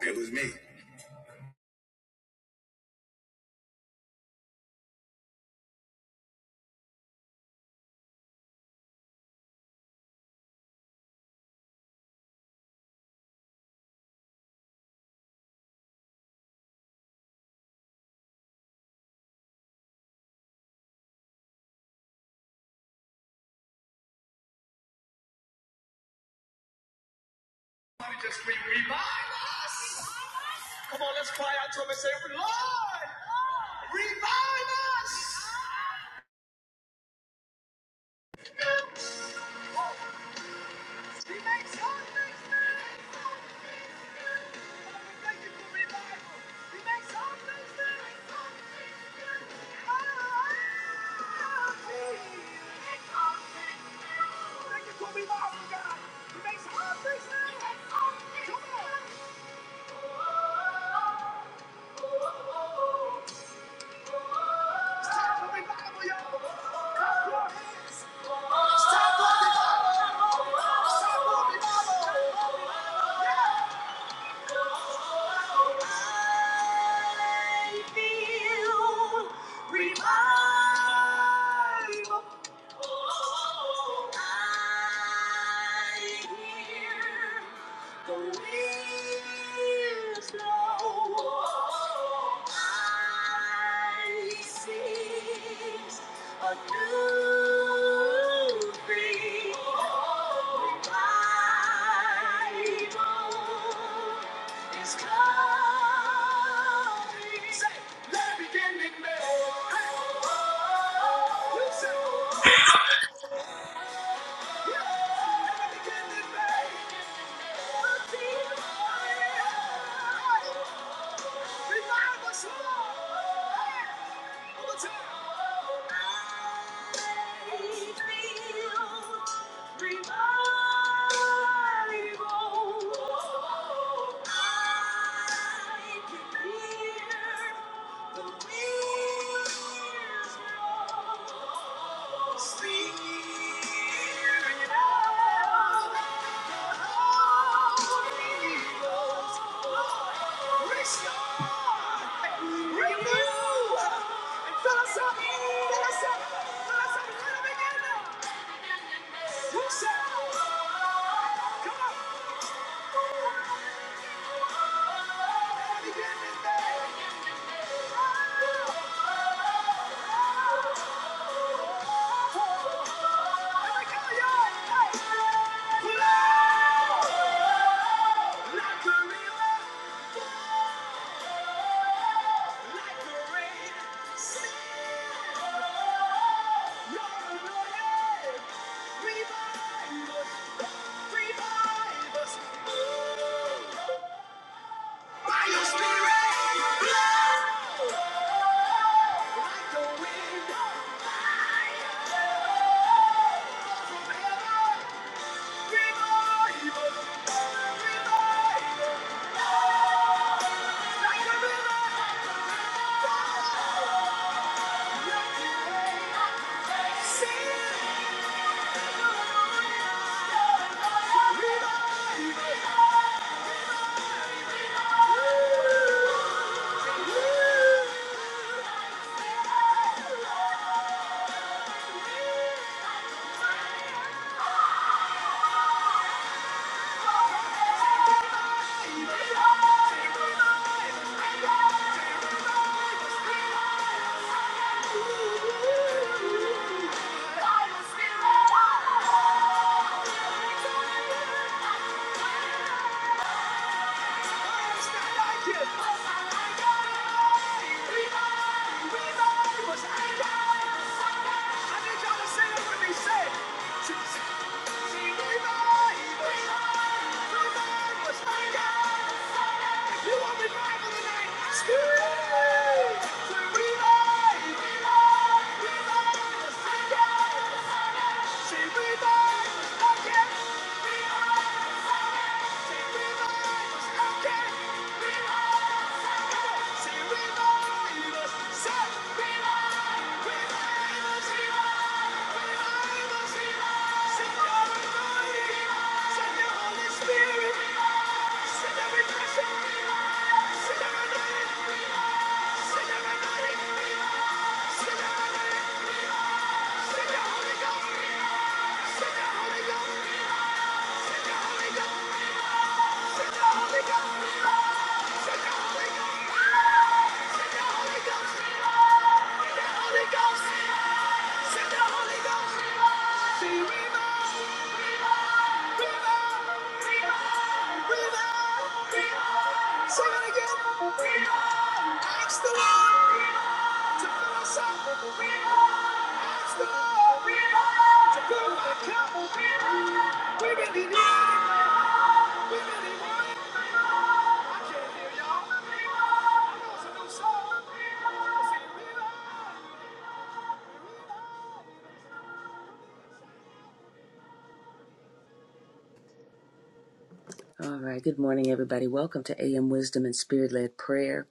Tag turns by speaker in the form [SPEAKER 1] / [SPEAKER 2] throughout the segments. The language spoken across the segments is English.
[SPEAKER 1] It was me. Let me just scream, revive us! Come on, let's cry out to him and say, Lord, Lord, revive us! He makes all things new. Come on, we thank you for revival. He makes all things new. Ah, Thank you for revival, God. He makes all things new. Come on. A new thing, revival is coming. Say, let it begin in me. Hey. You say, yeah, let it begin in me. I can hear the wheels roll. Come on! Revive us! Revive us! By your spirit, like the wind. From heaven, revive us. Revive us like a river. Sing, revive us. Thank you. Say, say, revive, revive, revive, what's I got. You want "Revive! Revive! Revive! Again!" Say, "Revive again! Revive again!" Say, "Revive Revive "Revive us." Say, "Revive! Revive Revive! Revive us! Revive!" Send your anointing. Send your Holy Spirit. Send your refreshing. Send the Holy Ghost! Send the Holy Ghost.
[SPEAKER 2] All right. Good morning, everybody. Welcome to AM Wisdom and Spirit Led Prayer.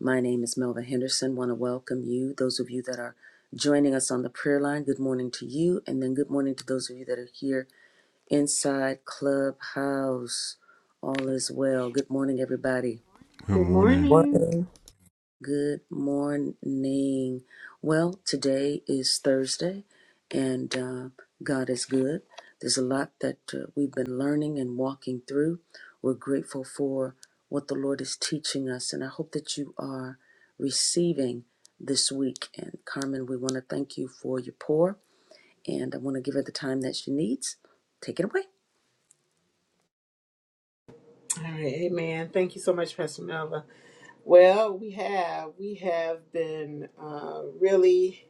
[SPEAKER 2] My name is Melva Henderson. Want to welcome you, those of you that are joining us on the prayer line. Good morning to you, and then good morning to those of you that are here inside Clubhouse. All is well. Good morning, everybody.
[SPEAKER 3] Good
[SPEAKER 1] Good
[SPEAKER 3] morning.
[SPEAKER 1] morning.
[SPEAKER 4] Morning.
[SPEAKER 2] Good morning. Well, today is Thursday, and uh, God is good. There's a lot that uh, we've been learning and walking through. We're grateful for what the Lord is teaching us, and I hope that you are receiving this week. And Carmen, we want to thank you for your pour, and I want to give her the time that she needs. Take it away.
[SPEAKER 1] All right, amen. Thank you so much, Pastor Melva. Well, we have. We have been uh, really,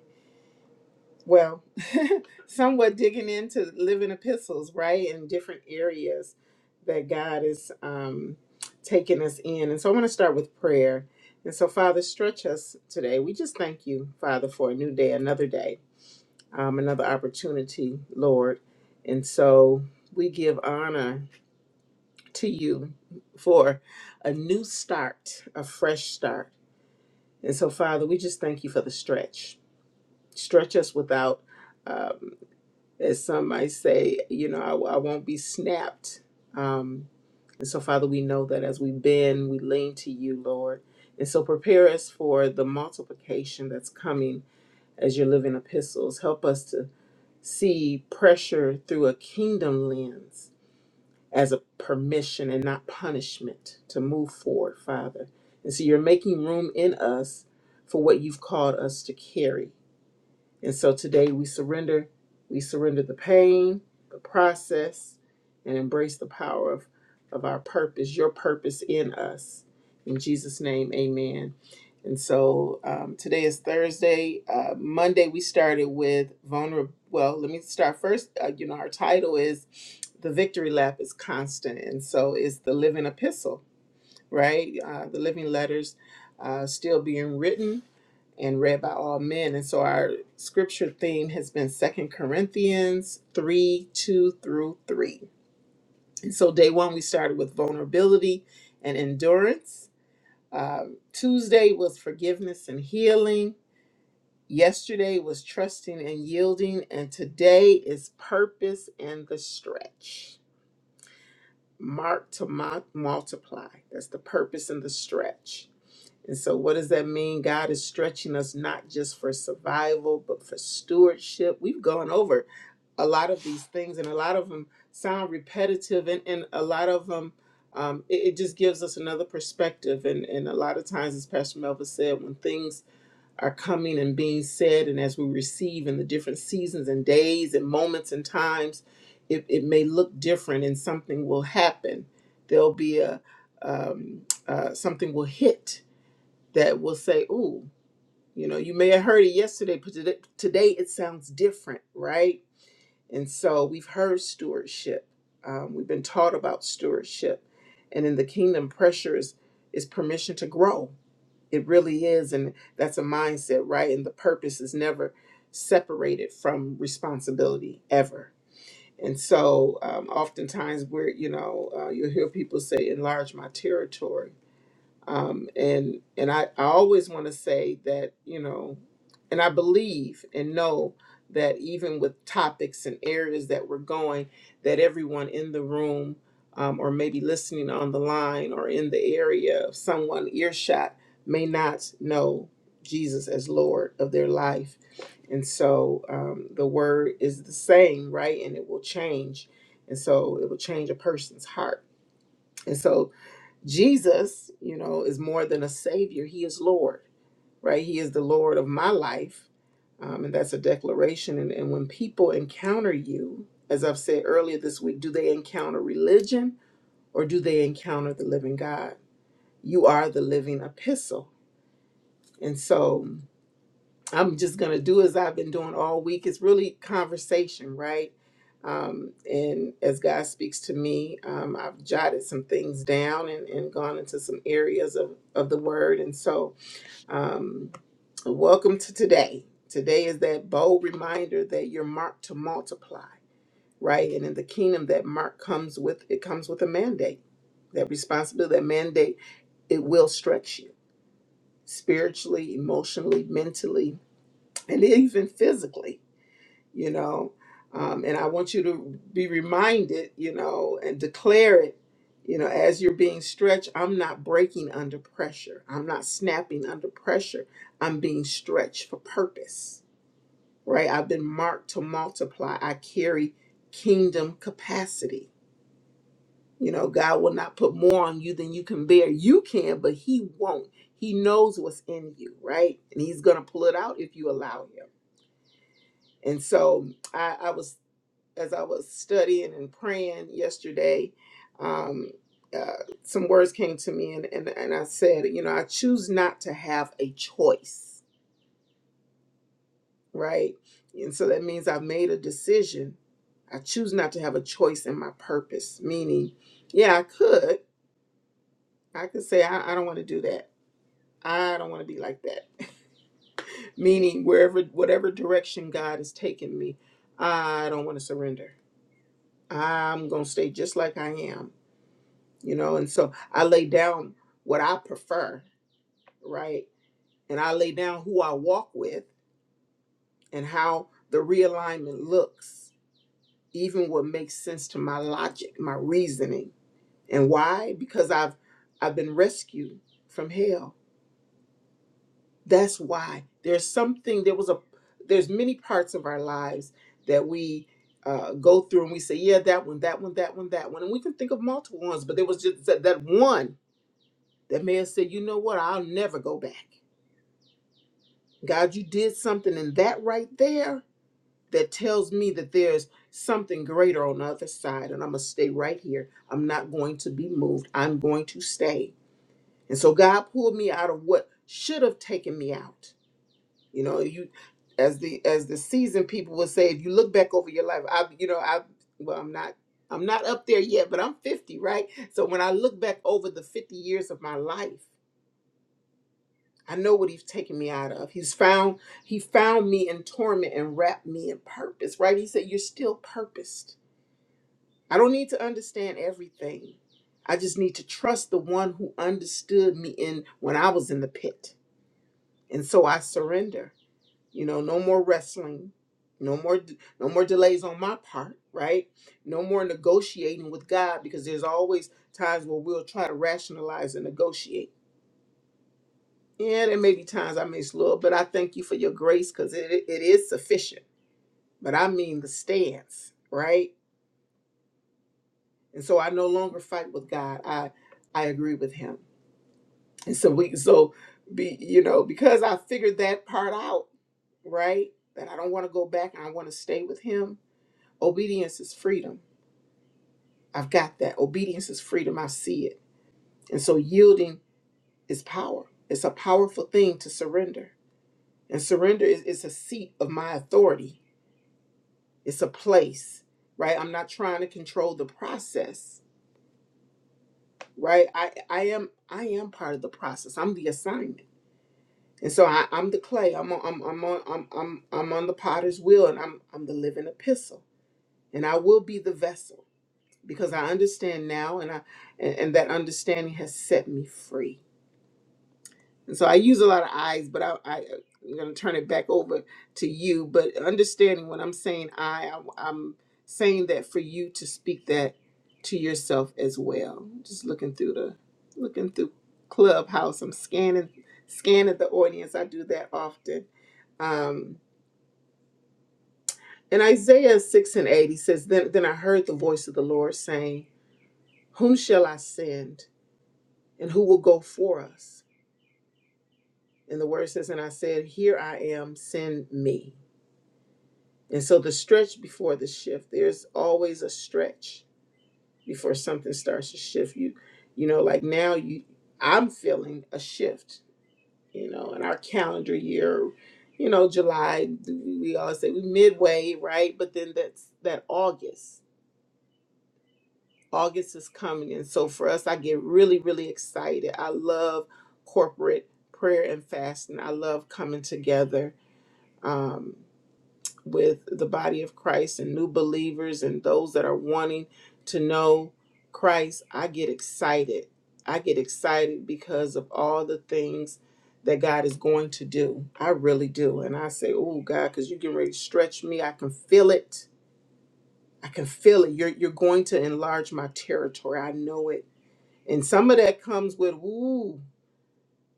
[SPEAKER 1] well, somewhat digging into living epistles, right, in different areas that God is um, taking us in. And so I want to start with prayer. And so, Father, stretch us today. We just thank you, Father, for a new day, another day, um, another opportunity, Lord. And so we give honor to you for a new start, a fresh start. And so, Father, we just thank you for the stretch. Stretch us without, um, as some might say, you know, I, I won't be snapped. Um, and so, Father, we know that as we bend, we lean to you, Lord. And so, prepare us for the multiplication that's coming as your living epistles. Help us to see pressure through a kingdom lens as a permission and not punishment to move forward, Father. And so you're making room in us for what you've called us to carry. And so today we surrender, we surrender the pain, the process, and embrace the power of, of our purpose, your purpose in us. In Jesus' name, amen. And so um, today is Thursday. Uh, Monday we started with vulnerable. Well, let me start first. Uh, you know, our title is The Victory Lap is Constant. And so it's the living epistle, right? Uh, the living letters uh, still being written and read by all men. And so our scripture theme has been Second Corinthians 3 2 through 3. And so day one, we started with vulnerability and endurance. Um, Tuesday was forgiveness and healing. Yesterday was trusting and yielding. And today is purpose and the stretch. Mark to mu- multiply. That's the purpose and the stretch. And so, what does that mean? God is stretching us not just for survival, but for stewardship. We've gone over a lot of these things, and a lot of them sound repetitive, and, and a lot of them, um, it, it just gives us another perspective. And, and a lot of times, as Pastor Melva said, when things are coming and being said, and as we receive in the different seasons and days and moments and times, it, it may look different, and something will happen. There'll be a um, uh, something will hit that will say, "Ooh, you know, you may have heard it yesterday, but today, today it sounds different, right?" And so we've heard stewardship. Um, we've been taught about stewardship, and in the kingdom, pressure is is permission to grow. It really is, and that's a mindset, right? And the purpose is never separated from responsibility ever. And so, um, oftentimes, we're you know, uh, you'll hear people say, "Enlarge my territory." um, and and I, I always want to say that you know and i believe and know that even with topics and areas that we're going that everyone in the room um, or maybe listening on the line or in the area of someone earshot may not know jesus as lord of their life and so um, the word is the same right and it will change and so it will change a person's heart and so Jesus, you know, is more than a savior. He is Lord, right? He is the Lord of my life. Um, and that's a declaration. And, and when people encounter you, as I've said earlier this week, do they encounter religion or do they encounter the living God? You are the living epistle. And so I'm just going to do as I've been doing all week. It's really conversation, right? Um, and as God speaks to me, um, I've jotted some things down and, and gone into some areas of, of the word. And so, um, welcome to today. Today is that bold reminder that you're marked to multiply, right? And in the kingdom, that mark comes with it comes with a mandate, that responsibility, that mandate. It will stretch you spiritually, emotionally, mentally, and even physically you know. Um, and I want you to be reminded, you know, and declare it, you know, as you're being stretched. I'm not breaking under pressure. I'm not snapping under pressure. I'm being stretched for purpose, right? I've been marked to multiply. I carry kingdom capacity. You know, God will not put more on you than you can bear. You can, but He won't. He knows what's in you, right? And He's going to pull it out if you allow Him. And so, I, I was as I was studying and praying yesterday, um, uh, some words came to me, and, and, and I said, You know, I choose not to have a choice, right? And so that means I've made a decision. I choose not to have a choice in my purpose, meaning, yeah, I could. I could say, I, I don't want to do that. I don't want to be like that. meaning, wherever, whatever direction God is taking me, I don't want to surrender. I'm going to stay just like I am you know and so i lay down what i prefer right and i lay down who i walk with and how the realignment looks even what makes sense to my logic my reasoning and why because i've i've been rescued from hell that's why there's something there was a there's many parts of our lives that we uh, go through and we say yeah that one that one that one that one and we can think of multiple ones but there was just that, that one that man said you know what i'll never go back God, you did something in that right there that tells me that there's something greater on the other side, and I'm going to stay right here. I'm not going to be moved. I'm going to stay. And so God pulled me out of what should have taken me out. You know, you as the as the seasoned people would say, if you look back over your life, I you know, I well, I'm not I'm not up there yet, but I'm 50, right? So when I look back over the 50 years of my life, I know what he's taken me out of. He's found he found me in torment and wrapped me in purpose, right? He said, You're still purposed. I don't need to understand everything. I just need to trust the one who understood me in when I was in the pit. And so I surrender. You know, no more wrestling. No more no more delays on my part, right? No more negotiating with God because there's always times where we'll try to rationalize and negotiate Yeah, there may be times I miss Lord, but I thank you for your grace because it, it is sufficient. But I mean the stance, right? And so I no longer fight with God. I I agree with Him. And so we so be you know because I figured that part out, right? That I don't want to go back and I want to stay with Him. Obedience is freedom. I've got that. Obedience is freedom. I see it. And so yielding is power. It's a powerful thing to surrender. And surrender is, is a seat of my authority it's a place right i'm not trying to control the process right i i am i am part of the process i'm the assignment and so I, i'm the clay i'm on i'm i'm on I'm, I'm i'm on the potter's wheel and i'm i'm the living epistle and i will be the vessel because i understand now and i and, and that understanding has set me free And So I use a lot of I's, but I, I, I'm going to turn it back over to you. But understanding when I'm saying I, I'm, I'm saying that for you to speak that to yourself as well. Just looking through the, looking through Clubhouse. I'm scanning, scanning the audience. I do that often. Um, in Isaiah 6 and 8, he says, then, then I heard the voice of the Lord saying, Whom shall I send? And who will go for us? And the word says, And I said, Here I am, send me. And so the stretch before the shift, there's always a stretch before something starts to shift. You you know, like now you I'm feeling a shift, you know, in our calendar year, you know, July, we always say we midway, right? But then that's that August. August is coming. And so for us, I get really, really excited. I love corporate prayer and fasting. I love coming together. Um, with the body of Christ and new believers and those that are wanting to know Christ, I get excited. I get excited because of all the things that God is going to do. I really do. And I say, Oh God, because you are getting ready to stretch me. I can feel it. I can feel it. You're you're going to enlarge my territory. I know it. And some of that comes with ooh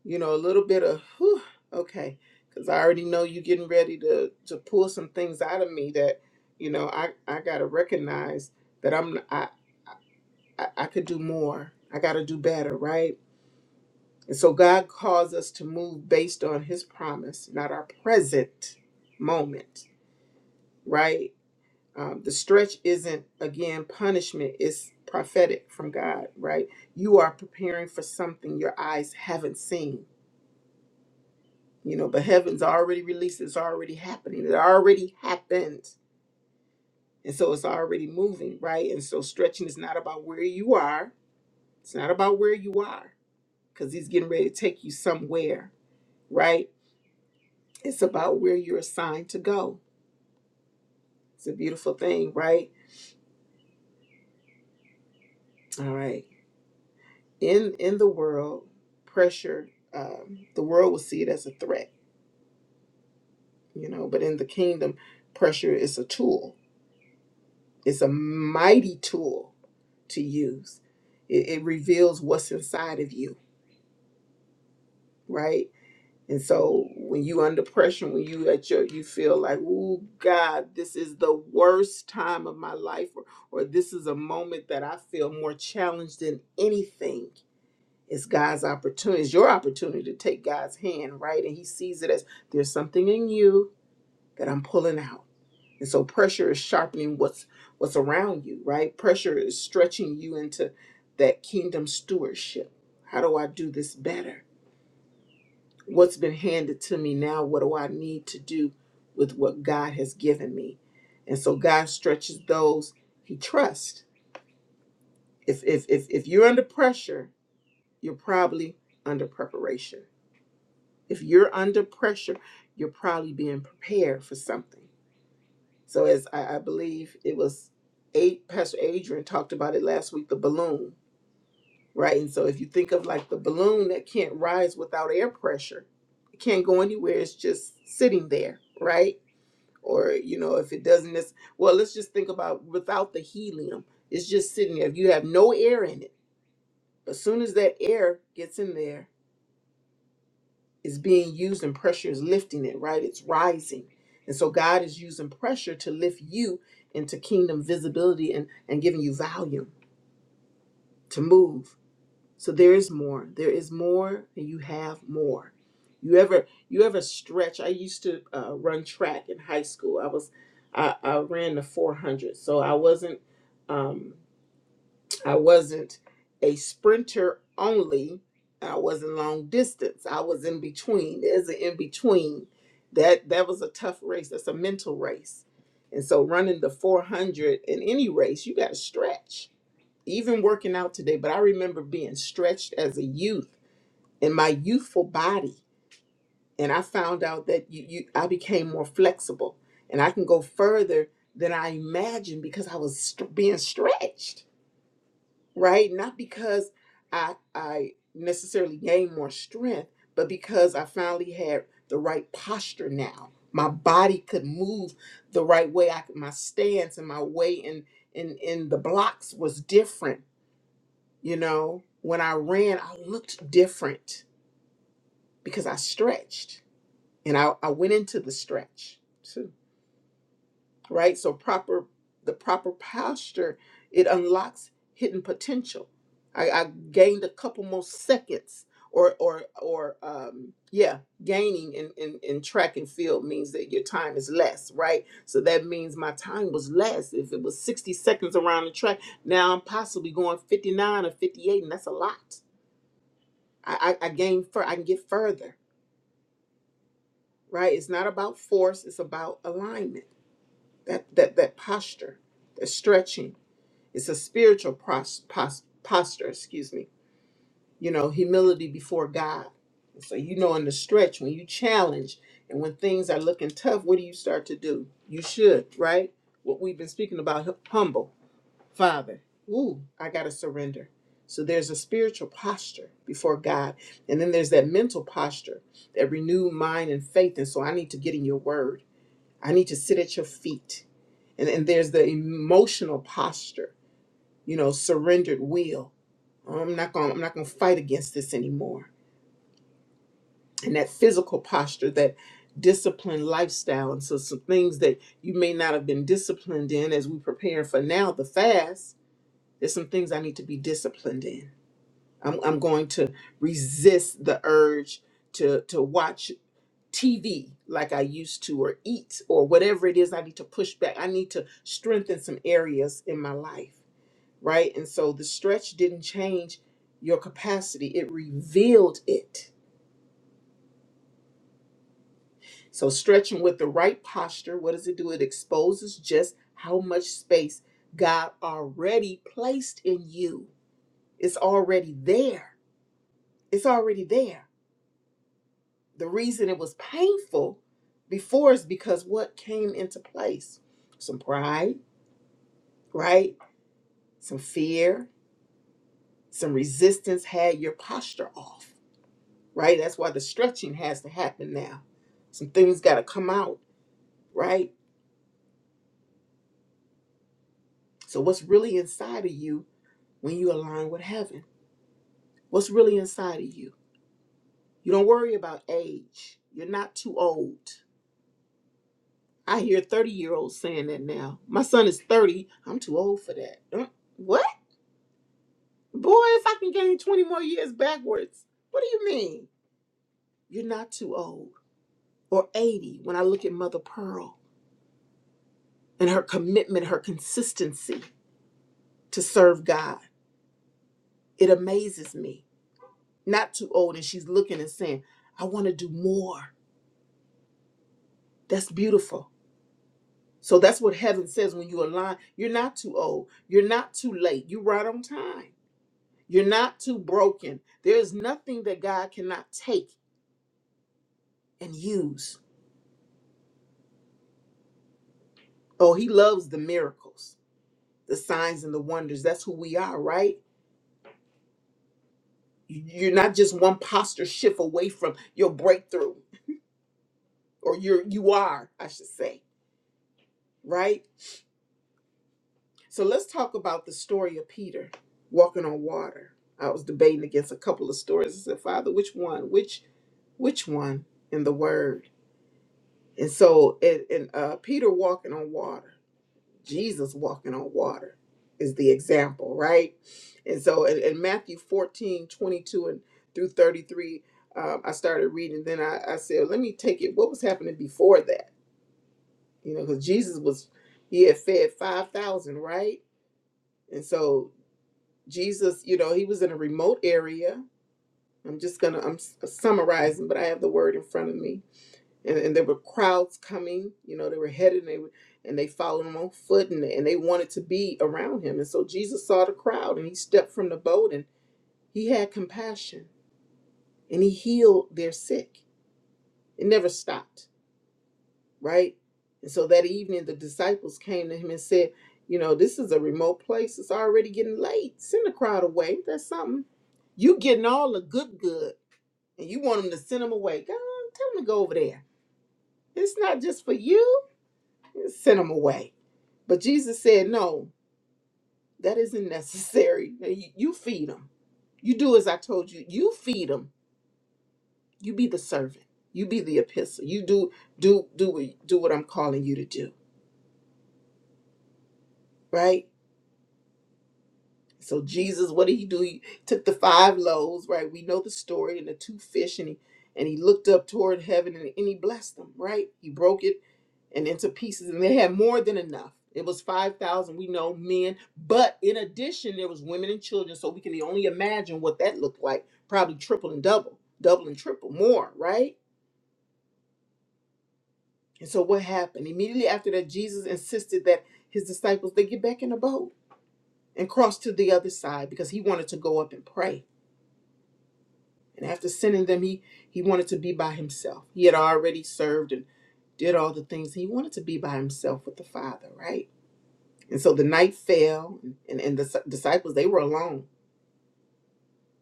[SPEAKER 1] you know, a little bit of whew, okay, because I already know you getting ready to to pull some things out of me that, you know, I I gotta recognize that I'm I I, I could do more. I gotta do better, right? And so God calls us to move based on His promise, not our present moment, right? Um, the stretch isn't again punishment; it's prophetic from God, right? You are preparing for something your eyes haven't seen you know but heaven's already released it's already happening it already happened and so it's already moving right and so stretching is not about where you are it's not about where you are because he's getting ready to take you somewhere right it's about where you're assigned to go it's a beautiful thing right all right in in the world pressure um, the world will see it as a threat you know but in the kingdom pressure is a tool It's a mighty tool to use. It, it reveals what's inside of you, right? And so when you under pressure, when you at your you feel like, oh God, this is the worst time of my life, or, or this is a moment that I feel more challenged than anything. It's God's opportunity, it's your opportunity to take God's hand, right? And He sees it as there's something in you that I'm pulling out. And so pressure is sharpening what's what's around you, right? Pressure is stretching you into that kingdom stewardship. How do I do this better? What's been handed to me now? What do I need to do with what God has given me? And so God stretches those he trusts. If if if if you're under pressure, you're probably under preparation. If you're under pressure, you're probably being prepared for something. So as I, I believe it was eight Pastor Adrian talked about it last week, the balloon, right? And so if you think of like the balloon that can't rise without air pressure, it can't go anywhere, it's just sitting there, right? Or, you know, if it doesn't it's well, let's just think about without the helium, it's just sitting there. If you have no air in it, as soon as that air gets in there, is being used and pressure is lifting it, right? It's rising. And so God is using pressure to lift you into kingdom visibility and, and giving you volume to move. So there is more. There is more and you have more. You ever you ever stretch? I used to uh, run track in high school. I was I, I ran the 400. So I wasn't um I wasn't a sprinter only. I wasn't long distance. I was in between. There's an in between. That that was a tough race. That's a mental race. And so running the 400 in any race, you got to stretch. Even working out today, but I remember being stretched as a youth in my youthful body, and I found out that you, you I became more flexible, and I can go further than I imagined because I was st- being stretched right? Not because I I necessarily gained more strength, but because I finally had the right posture now. My body could move the right way. I could, my stance and my weight and in in in the blocks was different. You know, when I ran, I looked different because I stretched and I, I went into the stretch. right? So proper the proper posture, it unlocks hidden potential. I, I gained a couple more seconds or or or um yeah, gaining in, in, in track and field means that your time is less, right? So that means my time was less. If it was 60 seconds around the track, now I'm possibly going 59 or 58, and that's a lot. I I, I gain fur I can get further, right? It's not about force, it's about alignment. That that that posture, that stretching It's a spiritual pros- pos- posture, excuse me. You know, humility before God. So you know, in the stretch, when you challenge and when things are looking tough, what do you start to do? You should, right? What we've been speaking about, hu- humble, Father. Ooh, I gotta surrender. So there's a spiritual posture before God, and then there's that mental posture, that renewed mind and faith. And so I need to get in Your Word. I need to sit at Your feet, and and there's the emotional posture you know surrendered will i'm not going to i'm not going to fight against this anymore and that physical posture that disciplined lifestyle and so some things that you may not have been disciplined in as we prepare for now the fast there's some things i need to be disciplined in i'm, I'm going to resist the urge to to watch tv like i used to or eat or whatever it is i need to push back i need to strengthen some areas in my life right? And so the stretch didn't change your capacity, it revealed it. So, stretching with the right posture, what does it do? It exposes just how much space God already placed in you. It's already there. It's already there. The reason it was painful before is because what came into place? Some pride, right? Some fear, some resistance had your posture off right? That's why the stretching has to happen now. Some things got to come out, right? So, what's really inside of you when you align with heaven? What's really inside of you? You don't worry about age. You're not too old. I hear 30 year olds saying that now. My son is 30. I'm too old for that. Uh, What? Boy, if I can gain 20 more years backwards, what do you mean? You're not too old. Or 80, when I look at Mother Pearl and her commitment, her consistency to serve God It amazes me. Not too old, and she's looking and saying, I want to do more. That's beautiful. So that's what heaven says when you align. You're not too old. You're not too late. You're right on time. You're not too broken. There is nothing that God cannot take and use. Oh, He loves the miracles, the signs, and the wonders. That's who we are, right? You- You're not just one posture shift away from your breakthrough, or you're you are, I should say, right? So let's talk about the story of Peter walking on water. I was debating against a couple of stories. I said, Father, which one? Which which one in the Word? And so, and, and uh, Peter walking on water, Jesus walking on water is the example, right? And so, in, in Matthew 14 22 and through 33, um, I started reading. Then I, I said, let me take it. What was happening before that? You know, because Jesus was, he had fed 5,000, right? And so Jesus, you know, he was in a remote area. I'm just gonna I'm s- uh, summarizing, but I have the word in front of me, and, and there were crowds coming. You know, they were headed and they were- and they followed him on foot, and, and they wanted to be around him. And so Jesus saw the crowd, and he stepped from the boat, and he had compassion, and he healed their sick. It never stopped right? And so that evening, the disciples came to him and said, You know, this is a remote place. It's already getting late. Send the crowd away. That's something. You getting all the good, good, and you want them to send them away. Go on, tell them to go over there. It's not just for you. Send them away. But Jesus said, No, that isn't necessary. You you feed them. You do as I told you. You feed them. You be the servant. You be the epistle. You do do do what- do what I'm calling you to do, right? So Jesus, what did he do? He took the five loaves, right? We know the story, and the two fish, and he and he looked up toward heaven and, and he blessed them, right? He broke it and into pieces, and they had more than enough. It was five thousand, we know, men, but in addition, there was women and children. So we can only imagine what that looked like. Probably triple and double, double and triple, more, right? And so what happened? Immediately after that, Jesus insisted that his disciples they get back in the boat and cross to the other side because he wanted to go up and pray. And after sending them, he, he wanted to be by himself. He had already served and did all the things. He wanted to be by himself with the Father, right? And so the night fell, and, and the s- disciples, they were alone.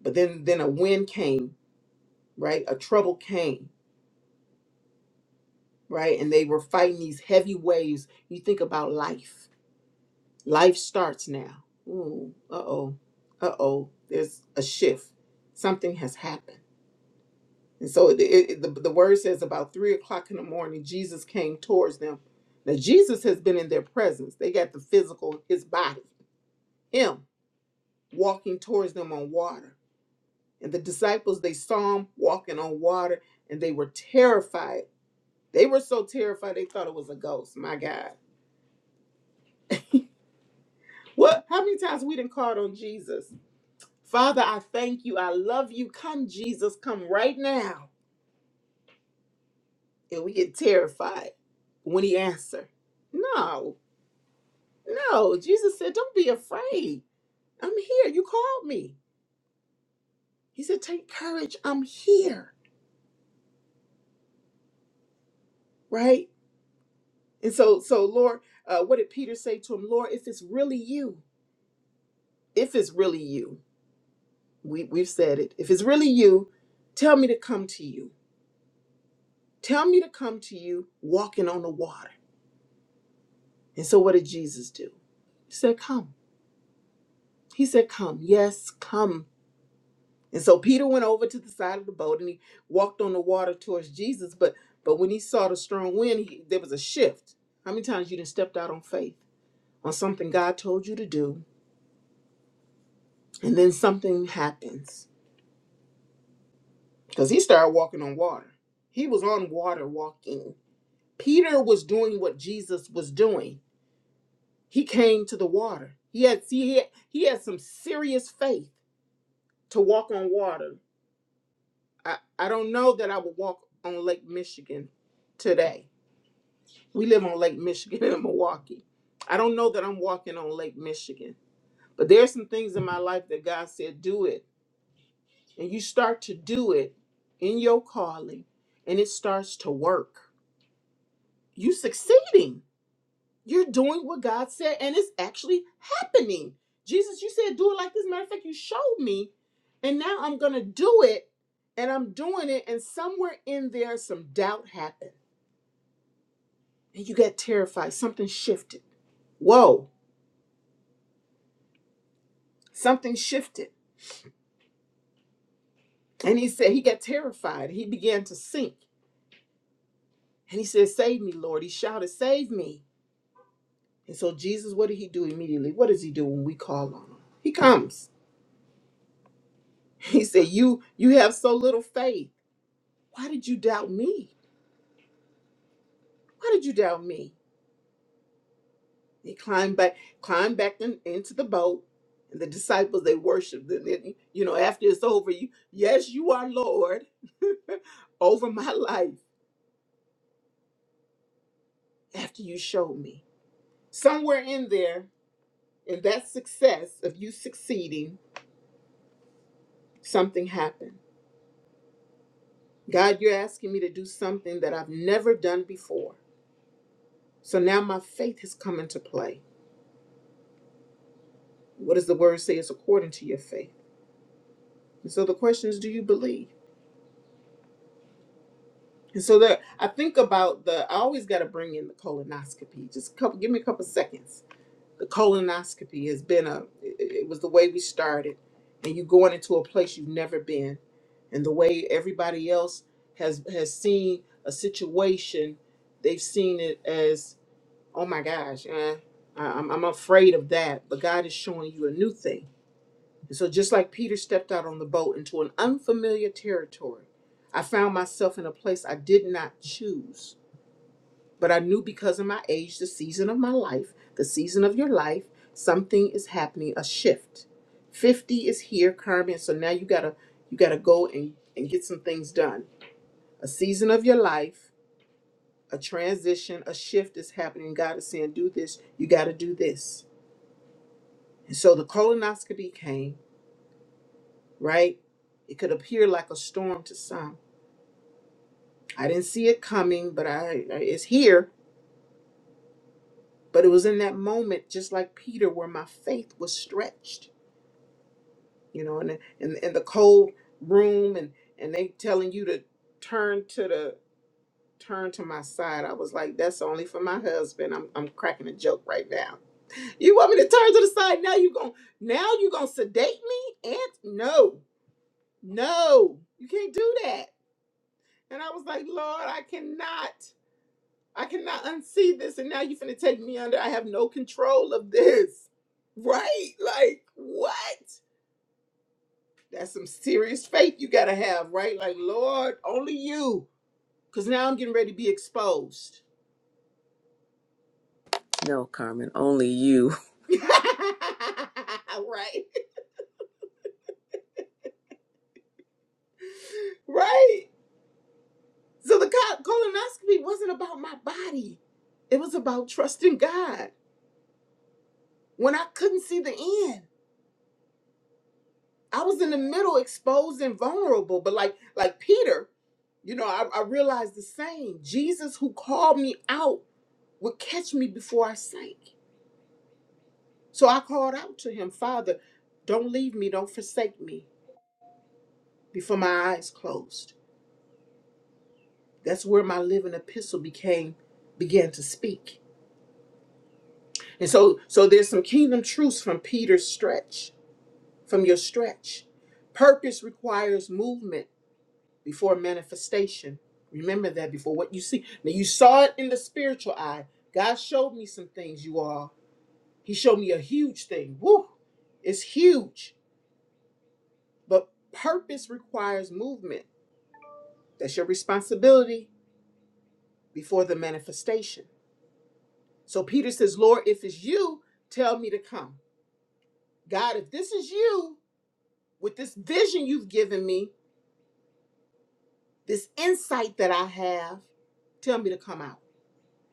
[SPEAKER 1] But then, then a wind came, right? A trouble came, right? And they were fighting these heavy waves. You think about life. Life starts now. Ooh, uh oh, uh oh. There's a shift. Something has happened And so it, it, the, the word says about three o'clock in the morning, Jesus came towards them. Now, Jesus has been in their presence. They got the physical, his body, him walking towards them on water. And the disciples, they saw him walking on water and they were terrified. They were so terrified they thought it was a ghost. My God. What? How many times we didn't call on Jesus? Father, I thank you. I love you. Come, Jesus, come right now. And we get terrified when he answers. No. No, Jesus said, Don't be afraid. I'm here. You called me. He said, Take courage. I'm here. Right? And so, so Lord, uh, what did Peter say to him? Lord, if it's really you, if it's really you, we, we've said it. If it's really you, tell me to come to you. Tell me to come to you walking on the water. And so, what did Jesus do? He said, Come. He said, Come. Yes, come. And so Peter went over to the side of the boat and he walked on the water towards Jesus. But but when he saw the strong wind, he, there was a shift. How many times you done stepped out on faith on something God told you to do, and then something happens? Because he started walking on water. He was on water walking. Peter was doing what Jesus was doing. He came to the water. He had see he had, he had some serious faith to walk on water. I, I don't know that I would walk on Lake Michigan today We live on Lake Michigan in Milwaukee. I don't know that I'm walking on Lake Michigan, but there's some things in my life that God said, do it. And you start to do it in your calling, and it starts to work. You succeeding. You're doing what God said, and it's actually happening. Jesus, you said do it like this. Matter of fact, you showed me, and now I'm gonna do it, and I'm doing it, and somewhere in there, some doubt happened. And you got terrified. Something shifted. Whoa, something shifted And he said he got terrified. He began to sink. And he said, Save me, Lord. He shouted, Save me. And so Jesus, what did he do immediately? What does he do when we call on him? He comes. He said, You you have so little faith. Why did you doubt me? Why did you doubt me? He climbed back, climbed back in- into the boat. And the disciples, they worshiped him. And, you know, after it's over, you, yes, you are Lord over my life after you showed me. Somewhere in there, In that success of you succeeding, something happened. God, you're asking me to do something that I've never done before. So now my faith has come into play. What does the word say is according to your faith? And so the question is, do you believe? And so that I think about the I always gotta bring in the colonoscopy. Just a couple give me a couple seconds the colonoscopy has been a it it was the way we started and you going into a place you've never been and the way everybody else has has seen a situation they've seen it as oh my gosh eh, I- I'm, I'm afraid of that but god is showing you a new thing and so just like peter stepped out on the boat into an unfamiliar territory i found myself in a place i did not choose but I knew because of my age, the season of my life, the season of your life, something is happening, a shift. 50 is here, Carmen. So now you gotta you gotta go and, and get some things done. A season of your life, a transition, a shift is happening. God is saying, do this, you gotta do this. And so the colonoscopy came, right? It could appear like a storm to some. I didn't see it coming, but I I- it's here. But it was in that moment, just like Peter, where my faith was stretched you know, and in, in the cold room, and and they telling you to turn to the turn to my side. I was like, that's only for my husband. I'm I'm cracking a joke right now. You want me to turn to the side now? You going now you gonna sedate me? And no, no, you can't do that. And I was like, Lord, I cannot, I cannot unsee this. And now you're finna take me under. I have no control of this, right? Like what? That's some serious faith you gotta have, right? Like, Lord, only you. Cause now I'm getting ready to be exposed.
[SPEAKER 2] No, Carmen, only you.
[SPEAKER 1] right? Right. So the co- colonoscopy wasn't about my body. It was about trusting God. When I couldn't see the end. I was in the middle, exposed and vulnerable. But like like Peter, you know, I, I realized the same. Jesus who called me out would catch me before I sank. So I called out to him, Father, don't leave me, don't forsake me, before my eyes closed. That's where my living epistle became began to speak. And so so there's some kingdom truths from Peter's stretch, from your stretch. Purpose requires movement before manifestation. Remember that before what you see. Now you saw it in the spiritual eye. God showed me some things, you all. He showed me a huge thing. Woo! It's huge. But purpose requires movement. That's your responsibility before the manifestation. So Peter says, Lord, if it's you, tell me to come. God, if this is you, with this vision you've given me, this insight that I have, tell me to come out.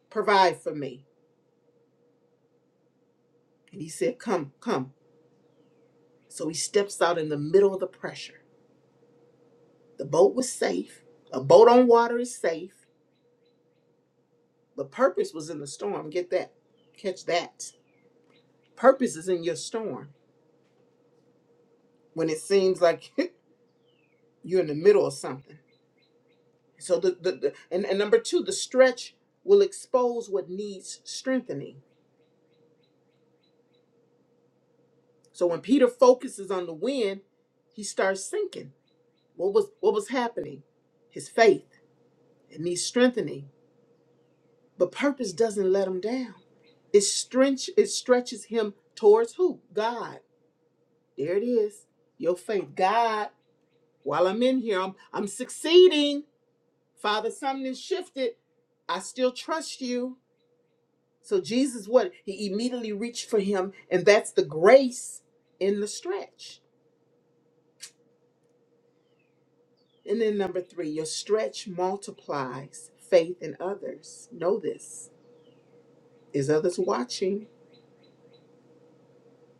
[SPEAKER 1] Provide for me. And he said, Come, come. So he steps out in the middle of the pressure. The boat was safe. A boat on water is safe, but purpose was in the storm. Get that. Catch that. Purpose is in your storm when it seems like you're in the middle of something. So the, the, the and, and number two, the stretch will expose what needs strengthening. So when Peter focuses on the wind, he starts sinking. What was what was happening? His faith. It needs strengthening. But purpose doesn't let him down. It stretch it stretches him towards who? God. There it is. Your faith. God, while I'm in here, I'm I'm succeeding. Father, something has shifted. I still trust you. So Jesus, what he immediately reached for him, and that's the grace in the stretch. And then number three, your stretch multiplies faith in others. Know this is others watching.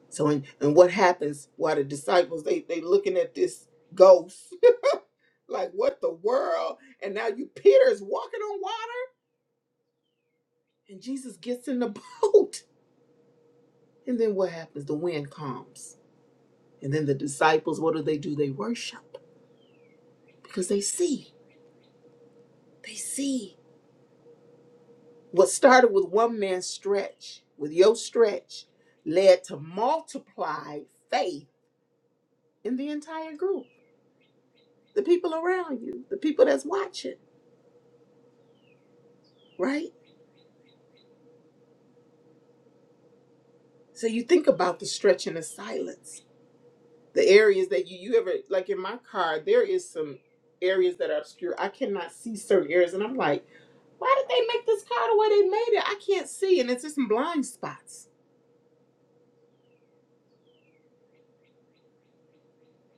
[SPEAKER 1] So and and what happens? While the disciples they they looking at this ghost like what the world? And now you Peter is walking on water, and Jesus gets in the boat. And then what happens? The wind calms. And then the disciples, what do they do? They worship because they see. They see What started with one man's stretch, with your stretch, led to multiplied faith in the entire group, the people around you, the people that's watching, right? So you think about the stretch and the silence, the areas that you, you ever, like in my car, there is some areas that are obscure. I cannot see certain areas. And I'm like, why did they make this car the way they made it? I can't see. And it's just some blind spots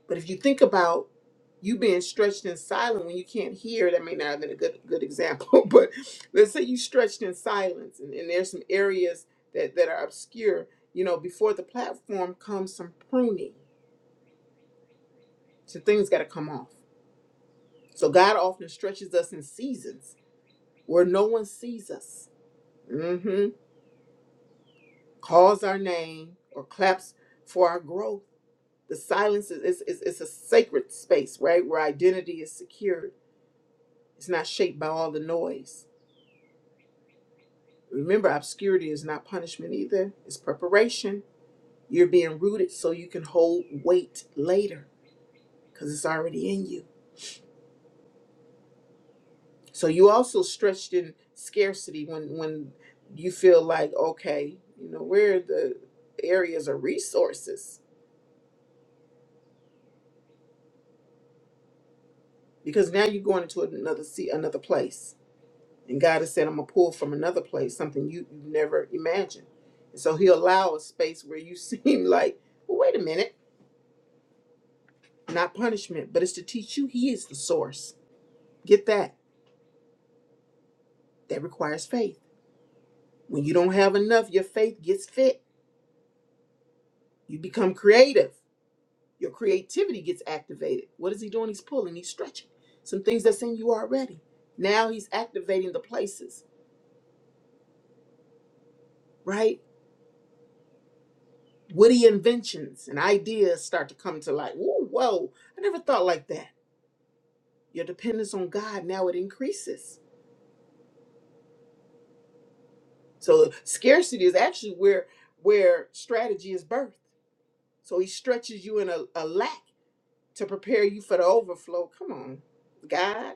[SPEAKER 1] But if you think about you being stretched and silent when you can't hear, that may not have been a good good example, but let's say you stretched in silence and, and there's some areas that, that are obscure, you know, before the platform comes some pruning. So things gotta come off. So God often stretches us in seasons where no one sees us. hmm Calls our name or claps for our growth. The silence is, is, is, is a sacred space, right? Where identity is secured. It's not shaped by all the noise. Remember, obscurity is not punishment either, it's preparation. You're being rooted so you can hold weight later because it's already in you. So you also stretched in scarcity when when you feel like, okay, you know, where are the areas of resources? Because now you're going into another sea, another place. And God has said, I'm gonna pull from another place, something you, you never imagined. And so he'll allow a space where you seem like, well, wait a minute, not punishment, but it's to teach you he is the source Get that. That requires faith. When you don't have enough, your faith gets fit. You become creative. Your creativity gets activated. What is he doing? He's pulling, he's stretching. Some things that's in you already. Now he's activating the places, right? Witty inventions and ideas start to come to light. Whoa, whoa, I never thought like that. Your dependence on God now it increases. So scarcity is actually where where strategy is birthed. So he stretches you in a, a lack to prepare you for the overflow. Come on, God.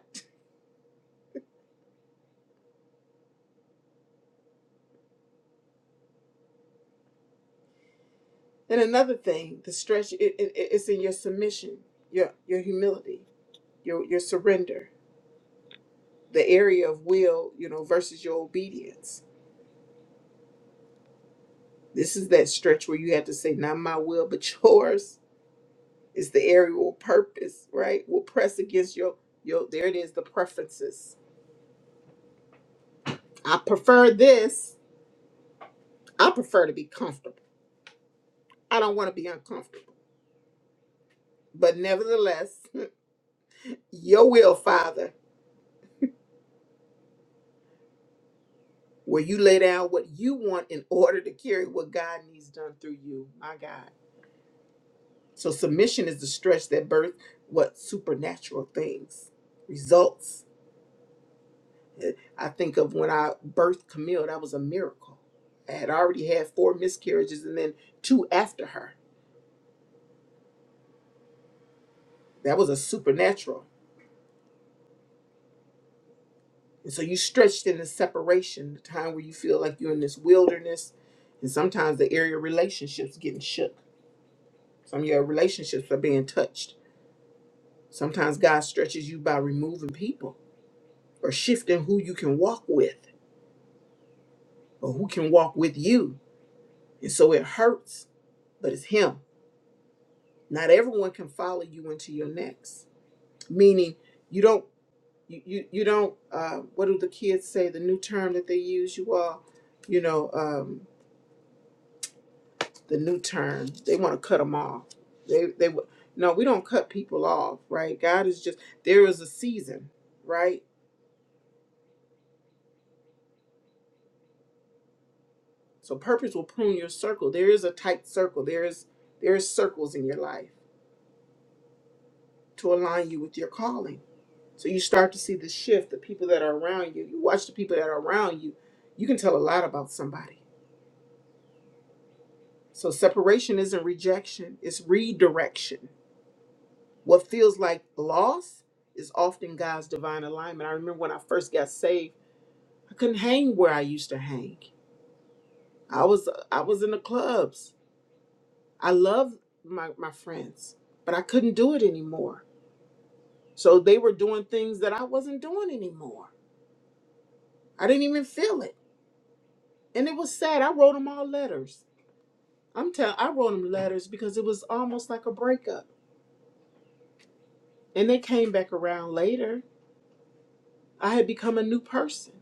[SPEAKER 1] And another thing, the stretch it, it, it- it's in your submission, your your humility, your your surrender, the area of will, you know, versus your obedience. This is that stretch where you had to say, not my will, but yours. It's the area of purpose, right? Will press against your your there it is, the preferences. I prefer this. I prefer to be comfortable. I don't want to be uncomfortable. But nevertheless, your will, Father. where you lay down what you want in order to carry what God needs done through you. My God. So submission is the stretch that birth what supernatural things, results. Eh, I think of when I birthed Camille, that was a miracle. I had already had four miscarriages and then two after her. That was a supernatural. And so you stretched in the separation, the time where you feel like you're in this wilderness. And sometimes the area of relationships getting shook. Some of your relationships are being touched Sometimes God stretches you by removing people or shifting who you can walk with or who can walk with you. And so it hurts, but it's Him. Not everyone can follow you into your next. Meaning, you don't, you, you, you don't, uh, what do the kids say? The new term that they use, you all, you know, um, the new term, they want to cut them off. They, they, w- no, we don't cut people off, right? God is just, there is a season, right? So purpose will prune your circle. There is a tight circle. There is there is circles in your life to align you with your calling. So you start to see the shift, the people that are around you. You watch the people that are around you. You can tell a lot about somebody. So separation isn't rejection, it's redirection. What feels like loss is often God's divine alignment. I remember when I first got saved, I couldn't hang where I used to hang. I was I was in the clubs. I loved my, my friends, but I couldn't do it anymore So they were doing things that I wasn't doing anymore. I didn't even feel it. And it was sad. I wrote them all letters. I'm telling I wrote them letters because it was almost like a breakup. And they came back around later. I had become a new person.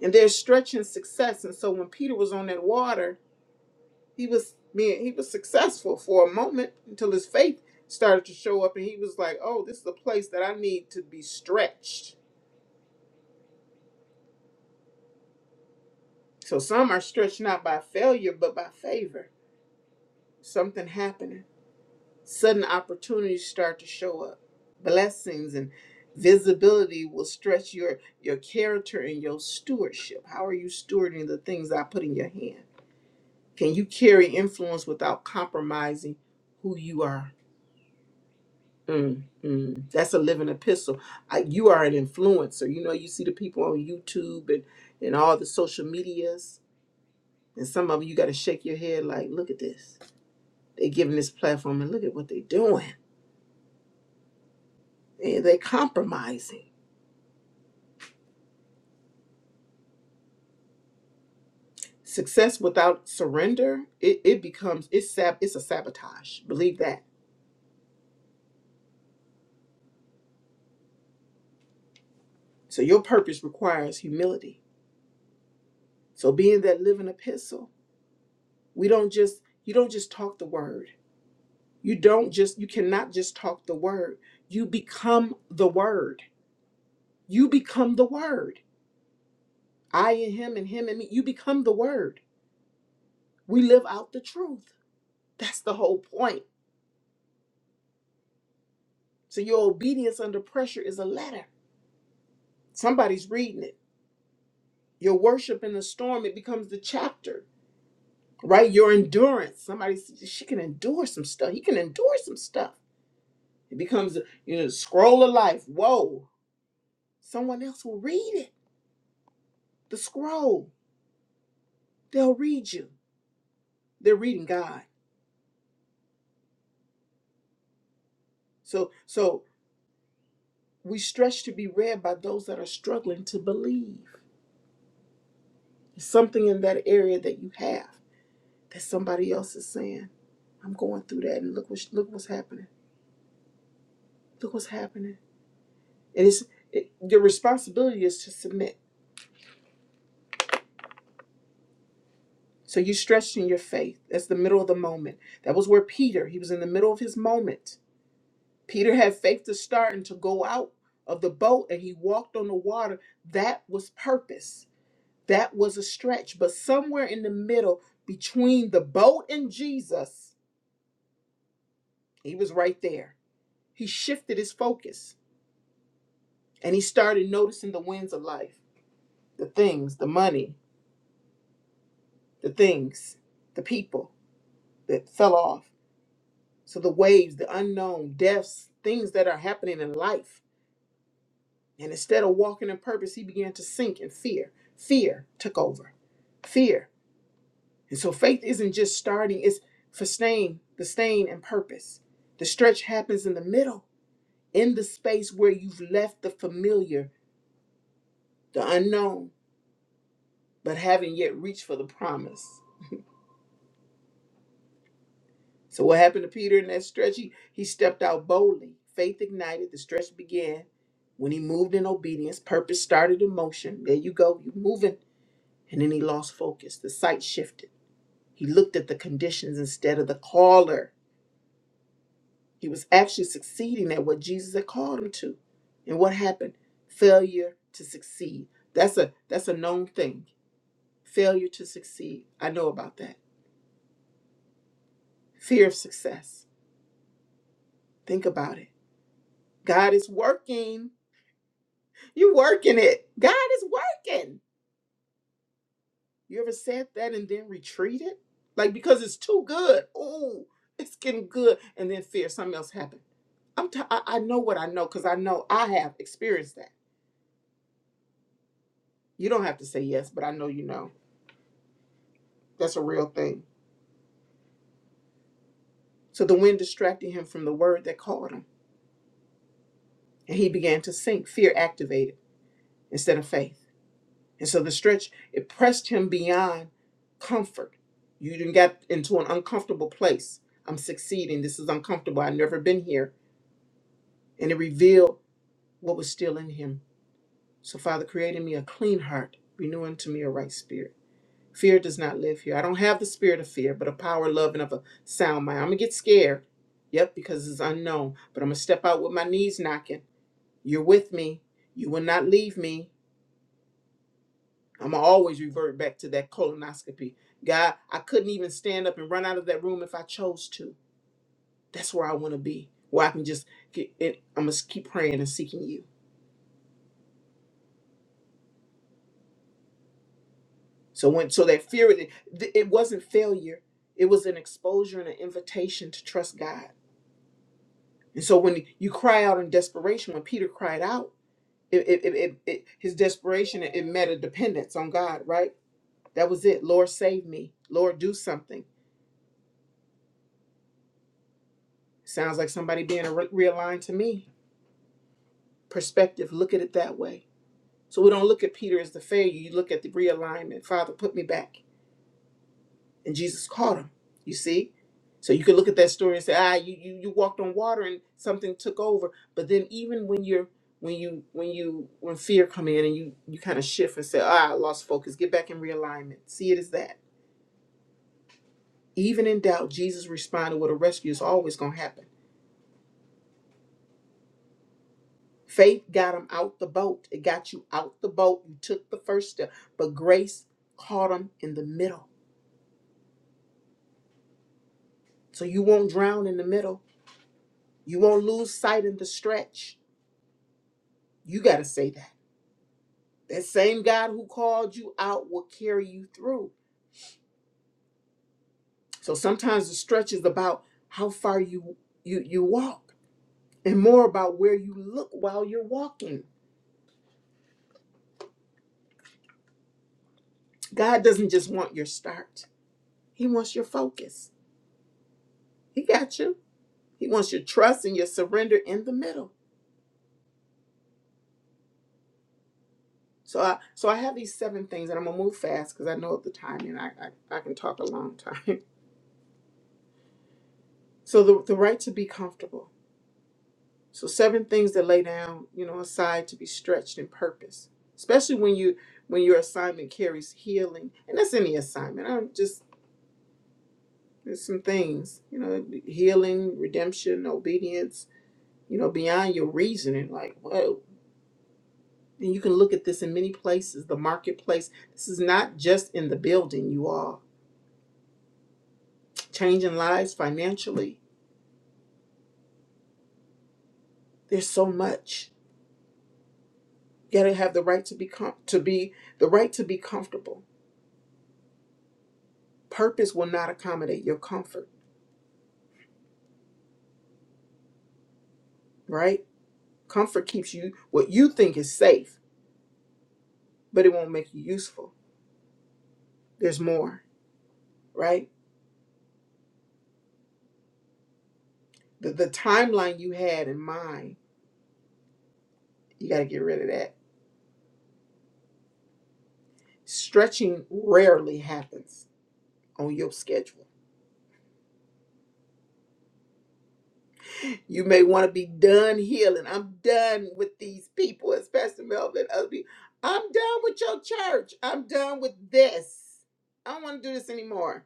[SPEAKER 1] And they're stretching success. And so when Peter was on that water, he was man, he was successful for a moment until his faith started to show up and he was like, Oh, this is a place that I need to be stretched. So some are stretched not by failure, but by favor. Something happening. Sudden opportunities start to show up. Blessings and visibility will stretch your your character and your stewardship. How are you stewarding the things I put in your hand? Can you carry influence without compromising who you are? Mm, mm. That's a living epistle. I, you are an influencer. You know, you see the people on YouTube and, and all the social medias, and some of 'em you got to shake your head like, look at this. They're giving this platform, and look at what they're doing. And they're compromising Success without surrender, it, it becomes it's sab it's a sabotage. Believe that. So your purpose requires humility. So being that living epistle, we don't just you don't just talk the word. You don't just you cannot just talk the word. You become the word. You become the word. I and him and him and me. You become the word. We live out the truth. That's the whole point. So your obedience under pressure is a letter. Somebody's reading it. your worship in the storm, it becomes the chapter, right? Your endurance. Somebody, s- she can endure some stuff. He can endure some stuff. It becomes, you know, the scroll of life. Whoa. Someone else will read it. The scroll. They'll read you. They're reading God. So, so we stretch to be read by those that are struggling to believe. There's something in that area that you have that somebody else is saying, I'm going through that and look what look what's happening. Look what's happening It is it, your responsibility is to submit. So you stretched in your faith. That's the middle of the moment. That was where Peter, he was in the middle of his moment. Peter had faith to start and to go out of the boat and he walked on the water. That was purpose. That was a stretch. But somewhere in the middle between the boat and Jesus, he was right there. He shifted his focus and he started noticing the winds of life, the things, the money, the things, the people that fell off So the waves, the unknown, deaths, things that are happening in life. And instead of walking in purpose, he began to sink in fear. Fear took over. Fear. And so faith isn't just starting, it's for staying, the staying and purpose. The stretch happens in the middle, in the space where you've left the familiar, the unknown, but haven't yet reached for the promise. So what happened to Peter in that stretch? He, he stepped out boldly. Faith ignited. The stretch began. When he moved in obedience, purpose started in motion. There you go. You're moving. And then he lost focus. The sight shifted. He looked at the conditions instead of the caller. He was actually succeeding at what Jesus had called him to. And what happened? Failure to succeed. That's a that's a known thing. Failure to succeed. I know about that. Fear of success. Think about it. God is working. You working it. God is working. You ever said that and then retreated? Like because it's too good. Oh, it's getting good. And then fear something else happened. I'm t- I, I know what I know because I know I have experienced that. You don't have to say yes, but I know you know. That's a real thing. So the wind distracted him from the word that called him, and he began to sink, fear activated instead of faith. And so the stretch, it pressed him beyond comfort. You didn't get into an uncomfortable place. I'm succeeding. This is uncomfortable. I've never been here. And it revealed what was still in him. So, Father, create in me a clean heart, renew unto me a right spirit. Fear does not live here. I don't have the spirit of fear, but a power, love, and of a sound mind. I'm going to get scared. Yep, because it's unknown. But I'm going to step out with my knees knocking. You're with me. You will not leave me. I'm gonna always revert back to that colonoscopy. God, I couldn't even stand up and run out of that room if I chose to. That's where I want to be, where I can just get. It, I'm gonna keep praying and seeking you. So when so that fear, it, it wasn't failure. It was an exposure and an invitation to trust God. And so when you cry out in desperation, when Peter cried out, it, it, it, it, it- his desperation it, it met a dependence on God. Right? That was it. Lord, save me. Lord, do something. Sounds like somebody being re- realigned to me perspective, look at it that way. So we don't look at Peter as the failure. You look at the realignment. Father, put me back. And Jesus caught him. You see? So you could look at that story and say, ah, you, you you walked on water and something took over. But then even when you're when you when you when fear come in and you you kind of shift and say, ah, I lost focus, get back in realignment. See it as that. Even in doubt, Jesus responded with a rescue. It's always gonna happen. Faith got them out the boat. It got you out the boat. You took the first step, but grace caught them in the middle. So you won't drown in the middle. You won't lose sight in the stretch. You got to say that. That same God who called you out will carry you through. So sometimes the stretch is about how far you you you walk and more about where you look while you're walking. God doesn't just want your start. He wants your focus. He got you. He wants your trust and your surrender in the middle. So I so I have these seven things, and I'm gonna move fast because I know the time, and I, I I can talk a long time. So the the right to be comfortable. So seven things that lay down, you know, aside to be stretched in purpose, especially when you when your assignment carries healing, and that's any assignment. I'm just there's some things, you know, healing, redemption, obedience, you know, beyond your reasoning. Like whoa, and you can look at this in many places. The marketplace. This is not just in the building, you all changing lives financially. There's so much. You gotta have the right to be com- to be the right to be comfortable. Purpose will not accommodate your comfort, right? Comfort keeps you what you think is safe, but it won't make you useful. There's more, right? The, the timeline you had in mind, you gotta get rid of that. Stretching rarely happens on your schedule You may want to be done healing. I'm done with these people, as Pastor Melvin. Other people. I'm done with your church. I'm done with this. I don't want to do this anymore.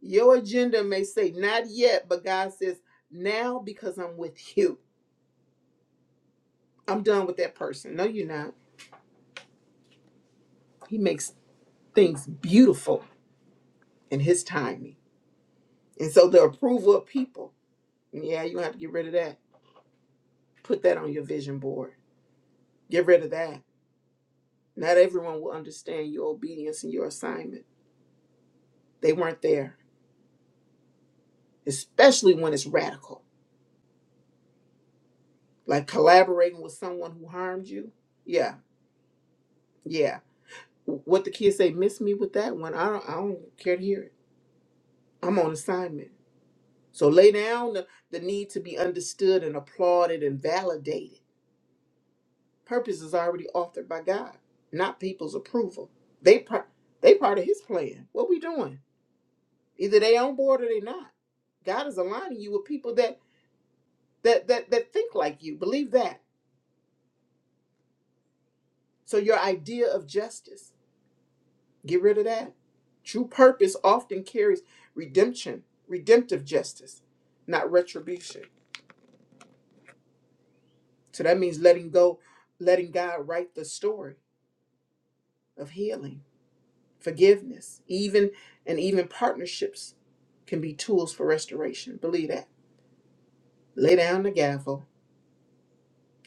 [SPEAKER 1] Your agenda may say not yet, but God says now because I'm with you. I'm done with that person. No, you're not. He makes things beautiful in His timing. And so the approval of people, yeah, you have to get rid of that. Put that on your vision board. Get rid of that. Not everyone will understand your obedience and your assignment They weren't there, especially when it's radical, like collaborating with someone who harmed you. Yeah, yeah. What the kids say, miss me with that one. I don't, I don't care to hear it. I'm on assignment. So lay down the, the need to be understood and applauded and validated. Purpose is already authored by God, not people's approval. They part, they part of His plan. What we doing? Either they on board or they not. God is aligning you with people that that that that think like you. Believe that. So your idea of justice, get rid of that. True purpose often carries redemption, redemptive justice, not retribution. So that means letting go, letting God write the story of healing, forgiveness, even and even partnerships can be tools for restoration. Believe that. Lay down the gavel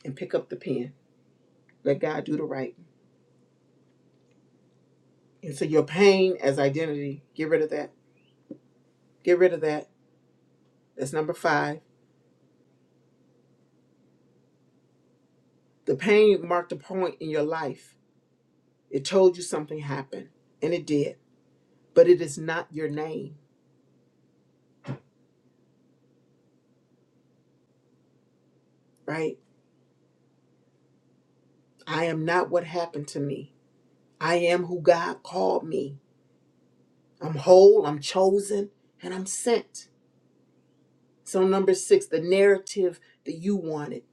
[SPEAKER 1] and pick up the pen. Let God do the writing. And so your pain as identity, get rid of that. Get rid of that. That's number five. The pain marked a point in your life It told you something happened, and it did, but it is not your name, right? I am not what happened to me. I am who God called me. I'm whole, I'm chosen, and I'm sent. So, number six, the narrative that you wanted,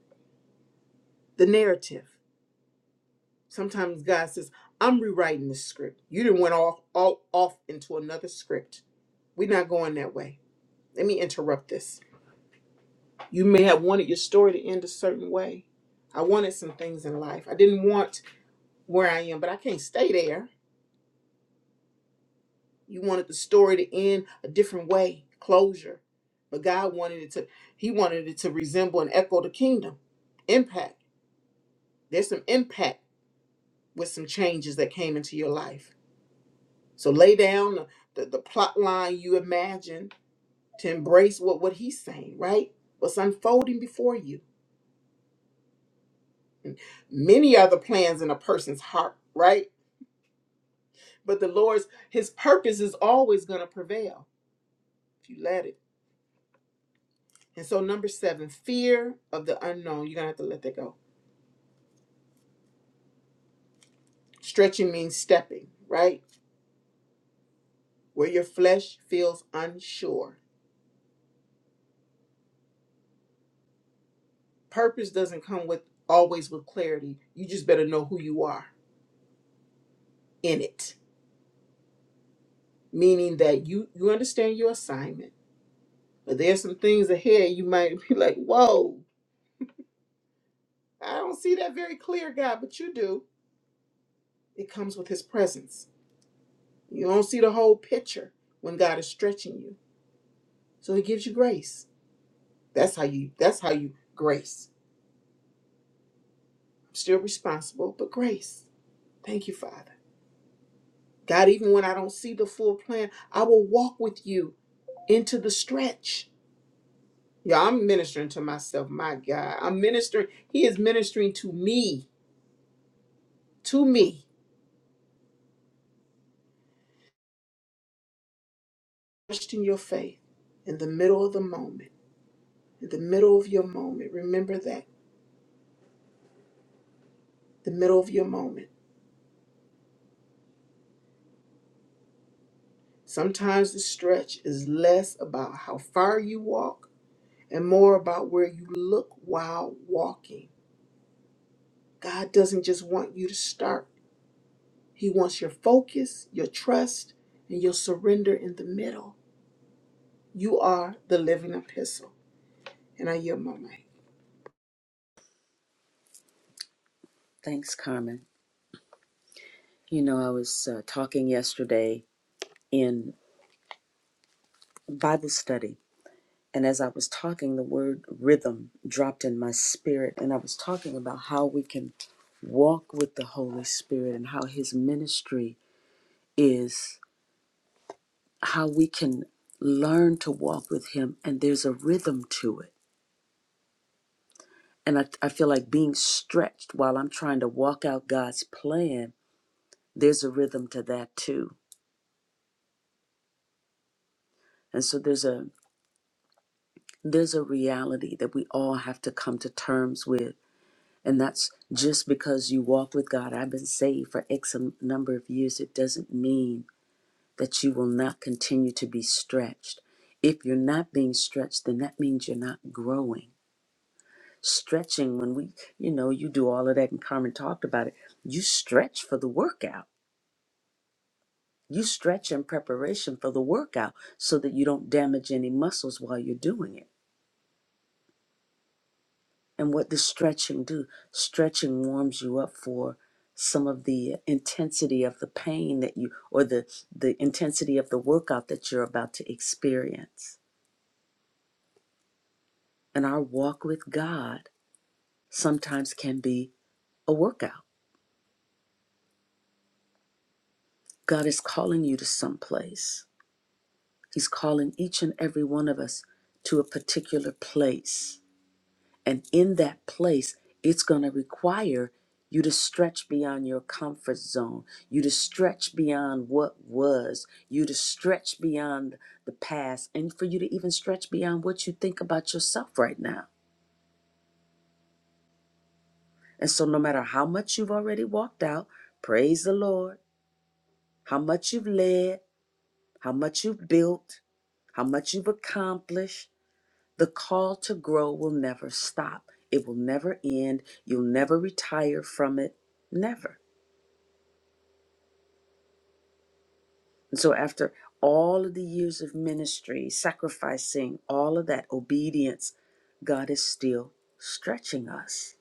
[SPEAKER 1] the narrative. Sometimes God says, I'm rewriting the script. You didn't went off, all, off into another script. We're not going that way. Let me interrupt this. You may have wanted your story to end a certain way. I wanted some things in life. I didn't want where I am, but I can't stay there. You wanted the story to end a different way, closure. But God wanted it to, He wanted it to resemble and echo the kingdom. Impact. There's some impact with some changes that came into your life. So lay down the, the, the plot line you imagine to embrace what, what He's saying, right? What's unfolding before you. Many are the plans in a person's heart, right? But the Lord's, His purpose is always going to prevail if you let it. And so, number seven, fear of the unknown. You're going to have to let that go. Stretching means stepping, right? Where your flesh feels unsure. Purpose doesn't come with always with clarity. You just better know who you are in it, meaning that you you understand your assignment. But there's some things ahead you might be like, whoa, I don't see that very clear, God, but you do. It comes with his presence. You don't see the whole picture when God is stretching you. So he gives you grace. That's how you that's how you grace. still responsible, but grace. Thank you, Father. God, even when I don't see the full plan, I will walk with you into the stretch. Yeah, I'm ministering to myself. My God, I'm ministering. He is ministering to me, to me. Question your faith in the middle of the moment, in the middle of your moment. Remember that, the middle of your moment. Sometimes the stretch is less about how far you walk and more about where you look while walking. God doesn't just want you to start. He wants your focus, your trust, and your surrender in the middle. You are the living epistle. And I yield my mic.
[SPEAKER 2] Thanks, Carmen. You know, I was uh, talking yesterday in Bible study. And as I was talking, the word rhythm dropped in my spirit. And I was talking about how we can walk with the Holy Spirit and how his ministry is, how we can learn to walk with him. And there's a rhythm to it. And I, I feel like being stretched while I'm trying to walk out God's plan, there's a rhythm to that too. And so there's a there's a reality that we all have to come to terms with And that's just because you walk with God. I've been saved for X number of years. It doesn't mean that you will not continue to be stretched. If you're not being stretched, then that means you're not growing. Stretching, when we, you know, you do all of that and Carmen talked about it, you stretch for the workout. You stretch in preparation for the workout so that you don't damage any muscles while you're doing it And what does stretching do? Stretching warms you up for some of the intensity of the pain that you, or the, the intensity of the workout that you're about to experience. And our walk with God sometimes can be a workout. God is calling you to some place. He's calling each and every one of us to a particular place. And in that place, it's going to require you to stretch beyond your comfort zone, you to stretch beyond what was, you to stretch beyond the past, and for you to even stretch beyond what you think about yourself right now. And so, no matter how much you've already walked out, praise the Lord, how much you've led, how much you've built, how much you've accomplished, The call to grow will never stop. It will never end. You'll never retire from it. Never. And so, after all of the years of ministry, sacrificing, all of that obedience, God is still stretching us.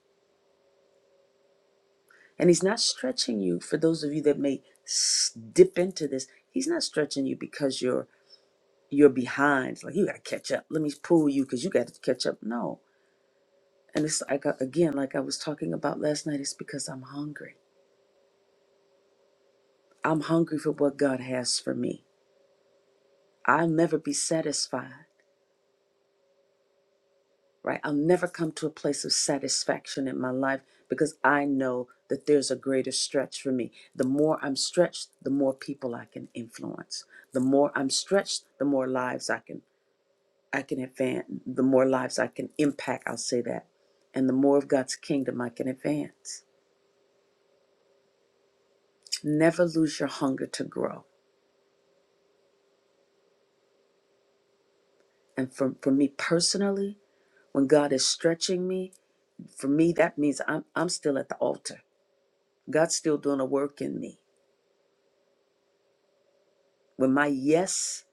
[SPEAKER 2] And He's not stretching you, for those of you that may s- dip into this, He's not stretching you because you're you're behind It's like you got to catch up let me pull you because you got to catch up no and it's like uh, again like i was talking about last night it's because i'm hungry I'm hungry for what God has for me. I'll never be satisfied, right? I'll never come to a place of satisfaction in my life because I know that there's a greater stretch for me. The more I'm stretched, the more people I can influence. The more I'm stretched, the more lives I can I can advance, the more lives I can impact, I'll say that. And the more of God's kingdom I can advance. Never lose your hunger to grow. And for, for me personally, when God is stretching me, For me, that means I'm, I'm still at the altar. God's still doing a work in me. When my yes,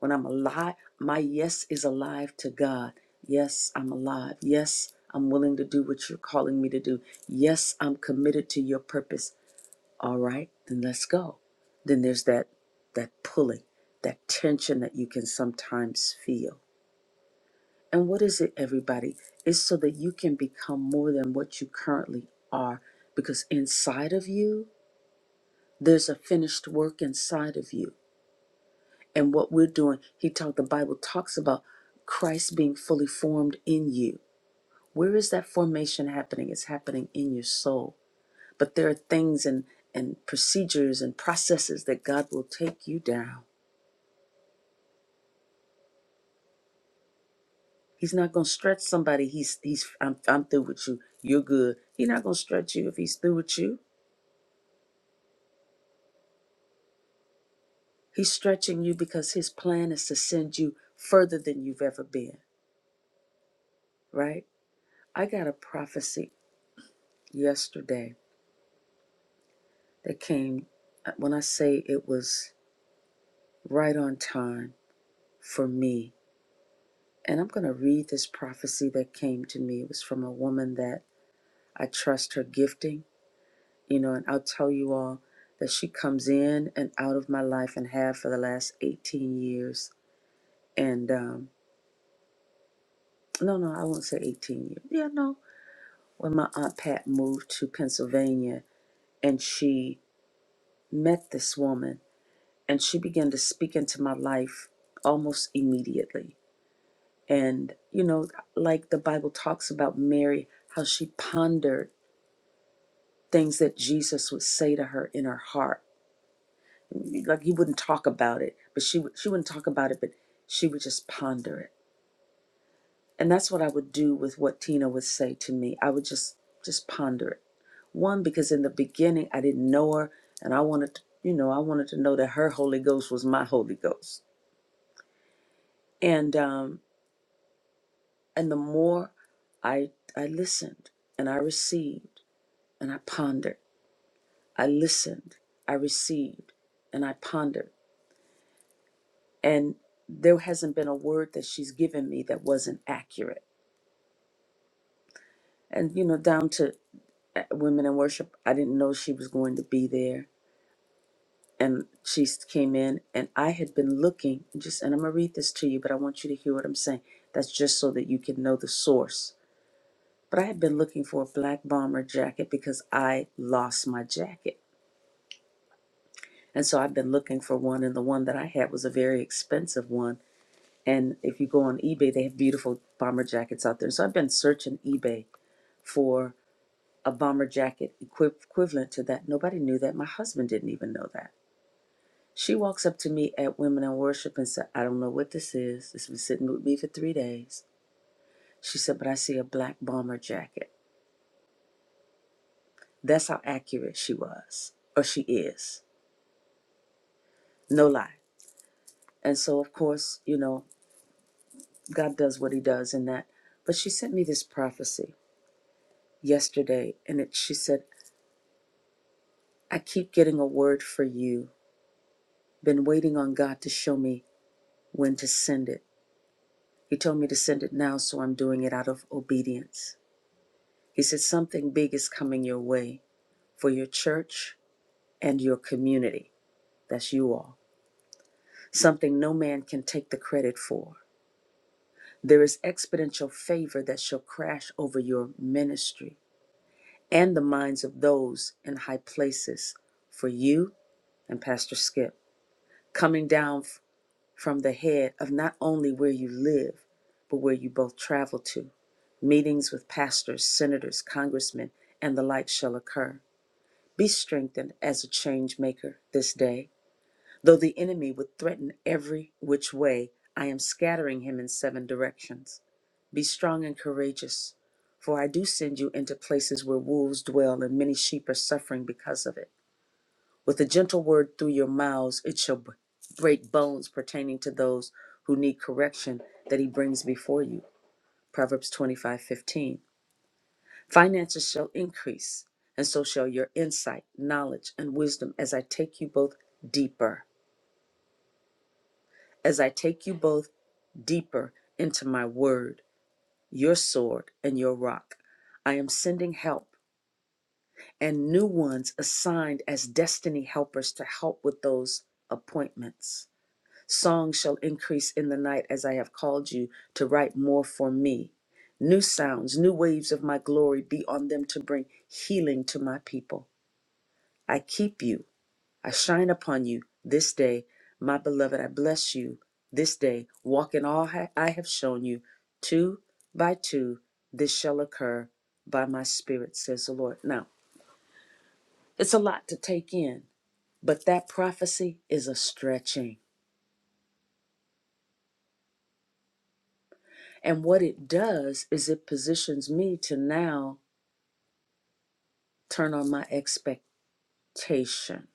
[SPEAKER 2] when I'm alive, my yes is alive to God. Yes, I'm alive. Yes, I'm willing to do what you're calling me to do. Yes, I'm committed to your purpose. All right, then let's go. Then there's that that pulling, that tension that you can sometimes feel. And what is it, everybody? It's so that you can become more than what you currently are. Because inside of you, There's a finished work inside of you. And what we're doing, he talked, the Bible talks about Christ being fully formed in you. Where is that formation happening? It's happening in your soul. But there are things and, and procedures and processes that God will take you down. He's not going to stretch somebody. He's, he's I'm, I'm through with you. You're good. He's not going to stretch you if he's through with you. He's stretching you because his plan is to send you further than you've ever been, right? I got a prophecy yesterday that came, uh, when I say it was right on time for me. And I'm going to read this prophecy that came to me. It was from a woman that I trust her gifting, you know, and I'll tell you all that she comes in and out of my life and have for the last 18 years. And um, no, no, I won't say 18 years. Yeah, no. When my Aunt Pat moved to Pennsylvania and she met this woman and she began to speak into my life almost immediately. And, you know, like the Bible talks about Mary, how she pondered things that Jesus would say to her in her heart. Like he wouldn't talk about it, but she, would- she wouldn't talk about it, but she would just ponder it. And that's what I would do with what Tina would say to me. I would just, just ponder it. One, because in the beginning I didn't know her and I wanted to, you know, I wanted to know that her Holy Ghost was my Holy Ghost. And, um, And the more I, I listened and I received and I pondered, I listened, I received, and I pondered. And there hasn't been a word that she's given me that wasn't accurate. And, you know, down to uh, Women in Worship, I didn't know she was going to be there. And she s- came in, and I had been looking, just, and I'm going to read this to you, but I want you to hear what I'm saying. That's just so that you can know the source. But I had been looking for a black bomber jacket because I lost my jacket. And so I've been looking for one, and the one that I had was a very expensive one. And if you go on eBay, they have beautiful bomber jackets out there. So I've been searching eBay for a bomber jacket equi- equivalent to that. Nobody knew that. My husband didn't even know that. She walks up to me at Women in Worship and said, I don't know what this is. This has been sitting with me for three days. She said, But I see a black bomber jacket. That's how accurate she was, or she is. No lie. And so, of course, you know, God does what he does in that. But she sent me this prophecy yesterday, and it, she said, I keep getting a word for you. Been waiting on God to show me when to send it. He told me to send it now, so I'm doing it out of obedience. He said, Something big is coming your way for your church and your community. That's you all. Something no man can take the credit for. There is exponential favor that shall crash over your ministry and the minds of those in high places for you and Pastor Skip, coming down from the head of not only where you live, but where you both travel to. Meetings with pastors, senators, congressmen, and the like shall occur. Be strengthened as a change maker this day. Though the enemy would threaten every which way, I am scattering him in seven directions. Be strong and courageous, for I do send you into places where wolves dwell and many sheep are suffering because of it. With a gentle word through your mouths, it shall b- break bones pertaining to those who need correction that he brings before you. Proverbs 25:15. Finances shall increase, and so shall your insight, knowledge, and wisdom as I take you both deeper. as I take you both deeper into my word, your sword, and your rock. I am sending help and new ones assigned as destiny helpers to help with those appointments. Songs shall increase in the night as I have called you to write more for me. New sounds, new waves of my glory be on them to bring healing to my people. I keep you. I shine upon you this day, my beloved. I bless you this day. Walk in all ha- I have shown you. Two by two, this shall occur by my spirit, says the Lord. Now, it's a lot to take in, but that prophecy is a stretching. And what it does is it positions me to now turn on my expectation.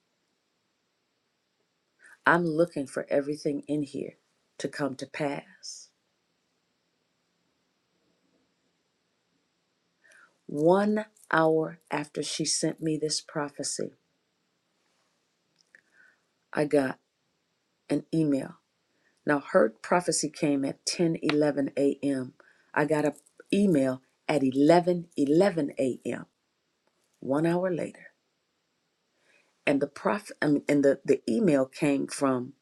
[SPEAKER 2] I'm looking for everything in here to come to pass. One hour after she sent me this prophecy, I got an email. Now her prophecy came at ten eleven 11 a.m. I got an email at 11 11 a.m. one hour later. And the prof I mean, and the, the email came from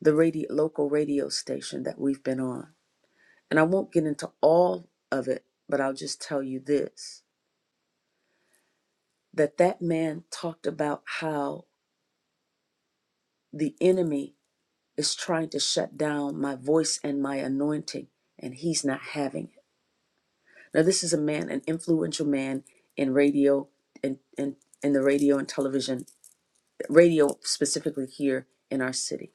[SPEAKER 2] the radio local radio station that we've been on. And I won't get into all of it, but I'll just tell you this that that man talked about how the enemy is trying to shut down my voice and my anointing and he's not having it. Now, this is a man, an influential man in radio and in, in, in the radio and television, radio specifically here in our city.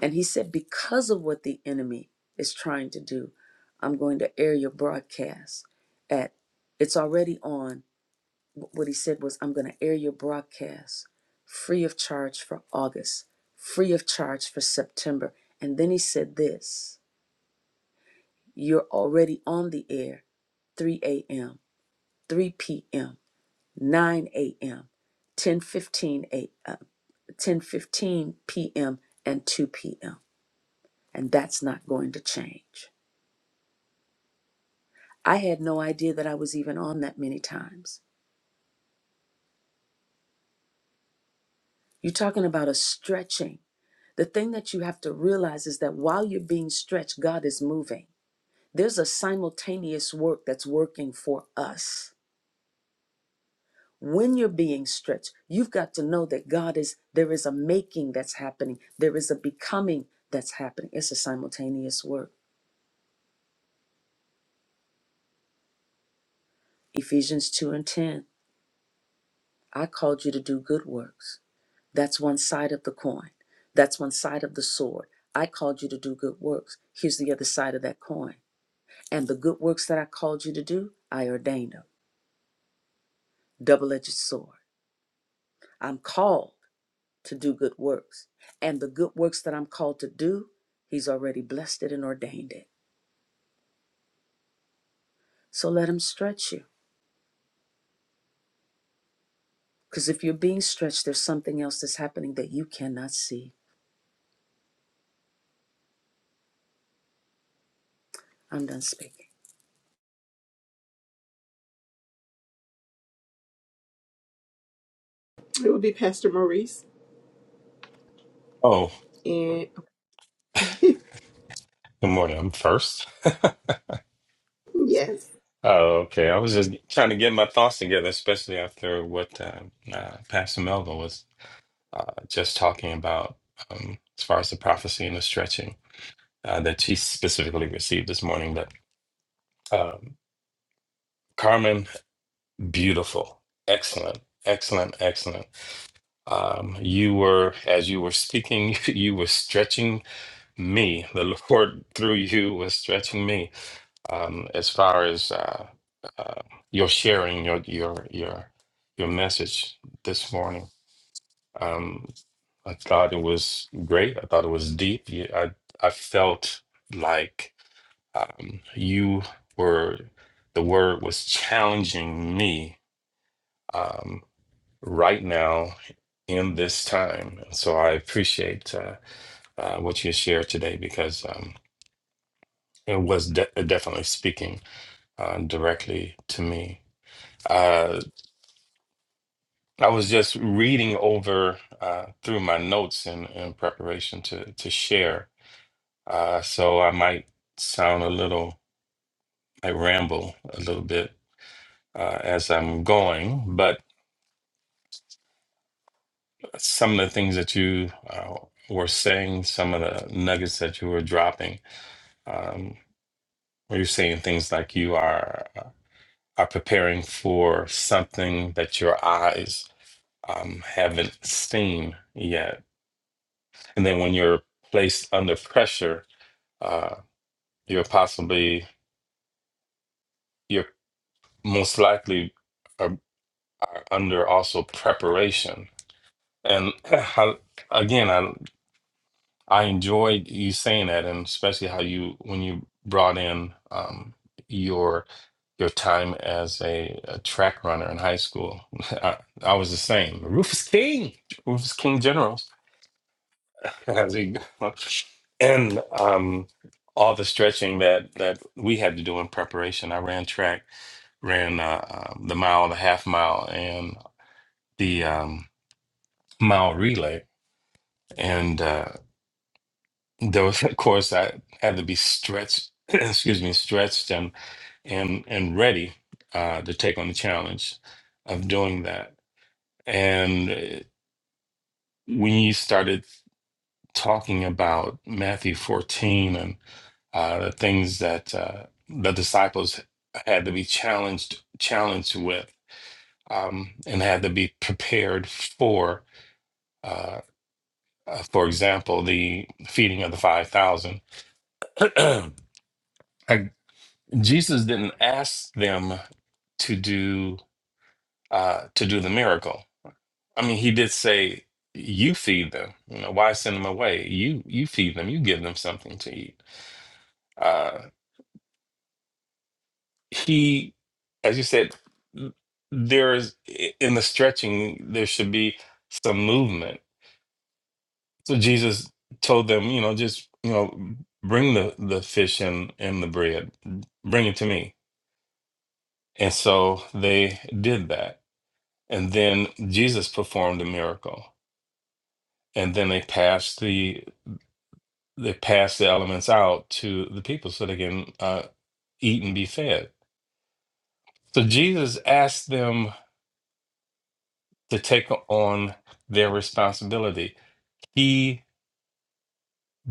[SPEAKER 2] And he said, Because of what the enemy is trying to do, I'm going to air your broadcast at, it's already on. What he said was, I'm going to air your broadcast free of charge for August, free of charge for September. And then he said this, You're already on the air 3 a.m., 3 p.m. 9 a.m., 10:15 a.m., 10:15 p.m. and 2 p.m. and that's not going to change. I had no idea that I was even on that many times. You're talking about a stretching. The thing that you have to realize is that while you're being stretched, God is moving. There's a simultaneous work that's working for us. when you're being stretched you've got to know that god is there is a making that's happening there is a becoming that's happening it's a simultaneous work ephesians 2 and 10 i called you to do good works that's one side of the coin that's one side of the sword i called you to do good works here's the other side of that coin and the good works that i called you to do i ordained them double-edged sword i'm called to do good works. And the good works that I'm called to do, He's already blessed it and ordained it. So let Him stretch you. Because if you're being stretched, there's something else that's happening that you cannot see. I'm done speaking.
[SPEAKER 1] It would be Pastor Maurice.
[SPEAKER 5] Oh,
[SPEAKER 1] And
[SPEAKER 5] good morning. I'm first.
[SPEAKER 1] yes.
[SPEAKER 5] Oh, okay. I was just trying to get my thoughts together, especially after what uh, uh, Pastor Melvin was uh, just talking about um, as far as the prophecy and the stretching uh, that she specifically received this morning. But um, Carmen, beautiful, excellent, excellent, excellent. Um, you were, as you were speaking, you were stretching me. The Lord through you was stretching me um, as far as uh, uh, your sharing your your your your message this morning. Um, I thought it was great. I thought it was deep. You- I I felt like um, you were the word was challenging me um, right now in this time. So I appreciate uh, uh, what you shared today because um, it was de- definitely speaking uh, directly to me Uh, I was just reading over uh, through my notes in, in preparation to to share, uh, so I might sound a little, I ramble a little bit uh, as I'm going, but some of the things that you uh, were saying, some of the nuggets that you were dropping, um, where you're saying things like you are uh, are preparing for something that your eyes um, haven't seen yet, and then when you're placed under pressure Uh, you're possibly, you're most likely are, are under also preparation. And I, again, I I enjoyed you saying that, and especially how you when you brought in um, your your time as a, a track runner in high school. I, I was the same. Rufus King, Rufus King Generals, as he and um, all the stretching that that we had to do in preparation. I ran track, ran uh, um, the mile, the half mile, and the um, mile relay, and uh, there was of course I had to be stretched. excuse me, stretched and and and ready uh, to take on the challenge of doing that. And uh, when you started talking about Matthew 14 uh, the things that uh, the disciples had to be challenged challenged with um, and had to be prepared for. Uh, uh, for example, the feeding of the five thousand. I- Jesus didn't ask them to do uh, to do the miracle. I mean, he did say, "You feed them. You know, why send them away? You you feed them. You give them something to eat." Uh, he, as you said, th- there's in the stretching, there should be some movement. So Jesus told them, you know, just, you know, bring the, the fish and, and the bread, bring it to me. And so they did that. And then Jesus performed a miracle. And then they passed the they passed the elements out to the people so they can uh, eat and be fed. So Jesus asked them to take on their responsibility he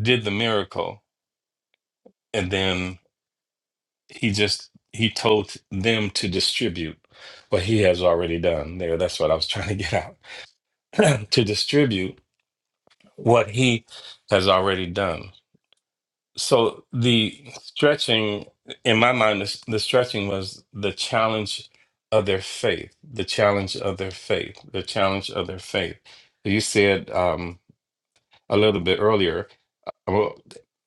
[SPEAKER 5] did the miracle and then he just he told them to distribute what he has already done there that's what i was trying to get out to distribute what he has already done so the stretching in my mind the, the stretching was the challenge of their faith the challenge of their faith the challenge of their faith you said um, a little bit earlier Well,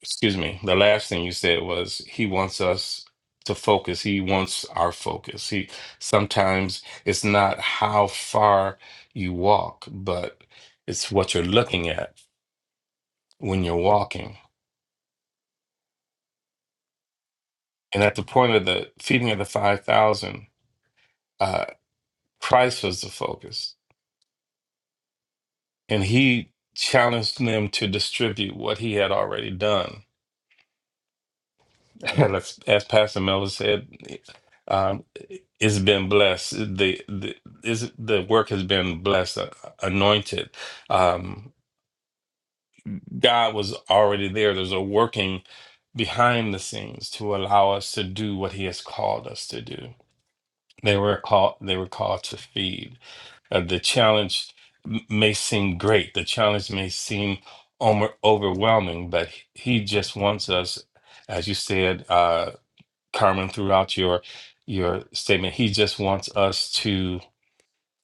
[SPEAKER 5] excuse me. The last thing you said was he wants us to focus. He wants our focus. He sometimes it's not how far you walk, but it's what you're looking at when you're walking. And at the point of the feeding of the 5,000, uh, Christ was the focus. And he challenged them to distribute what he had already done. Well, as, as Pastor Miller said, um, it's been blessed. The the is the work has been blessed, uh, anointed. Um, God was already there. There's a working behind the scenes to allow us to do what He has called us to do. They were called. They were called to feed. Uh, the challenge m- may seem great. The challenge may seem over, overwhelming, but He just wants us, as you said. uh, Carmen, throughout your your statement. He just wants us to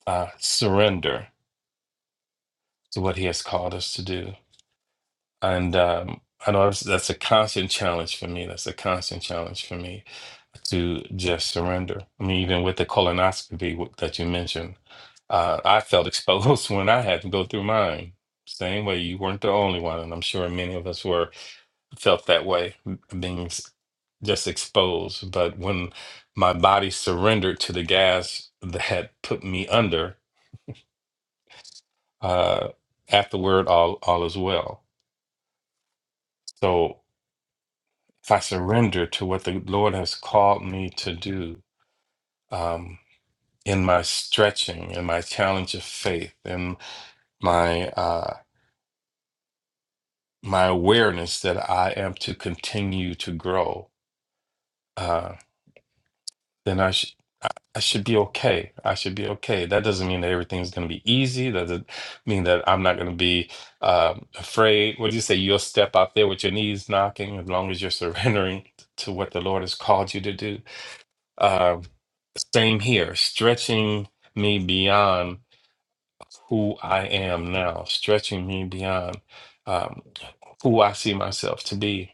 [SPEAKER 5] uh, surrender to what He has called us to do, and um, I know that's, that's a constant challenge for me. That's a constant challenge for me to just surrender. I mean, even with the colonoscopy w- that you mentioned, uh, I felt exposed when I had to go through mine. Same way, you weren't the only one, and I'm sure many of us were felt that way, being s- just exposed. But when my body surrendered to the gas that had put me under, uh, afterward, all, all is well. So if I surrender to what the Lord has called me to do um, in my stretching, in my challenge of faith, in my, uh, my awareness that I am to continue to grow. uh, then I should I I should be okay. I should be okay. That doesn't mean that everything's going to be easy. That doesn't mean that I'm not going to be um, afraid. What do you say? You'll step out there with your knees knocking as long as you're surrendering to what the Lord has called you to do. Um, same here, stretching me beyond who I am now, stretching me beyond um, who I see myself to be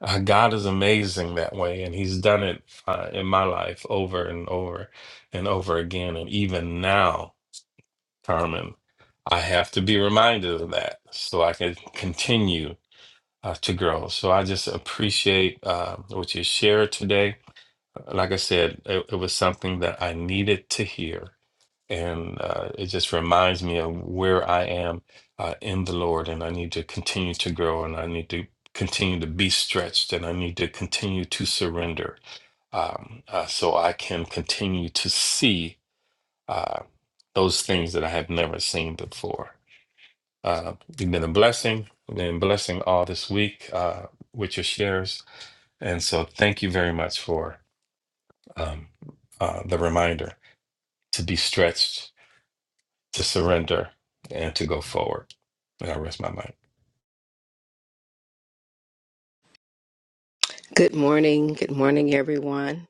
[SPEAKER 5] uh, God is amazing that way, and He's done it uh, in my life over and over and over again. And even now, Carmen, I have to be reminded of that so I can continue uh, to grow. So I just appreciate uh, what you shared today. Like I said, it, it was something that I needed to hear and uh, it just reminds me of where I am uh, in the Lord, and I need to continue to grow, and I need to continue to be stretched, and I need to continue to surrender, um, uh, so I can continue to see uh, those things that I have never seen before. Uh, you've been a blessing, you've been a blessing all this week uh, with your shares, and so thank you very much for um, uh, the reminder to be stretched to surrender and to go forward. And I rest my mind.
[SPEAKER 4] Good morning. Good morning, everyone.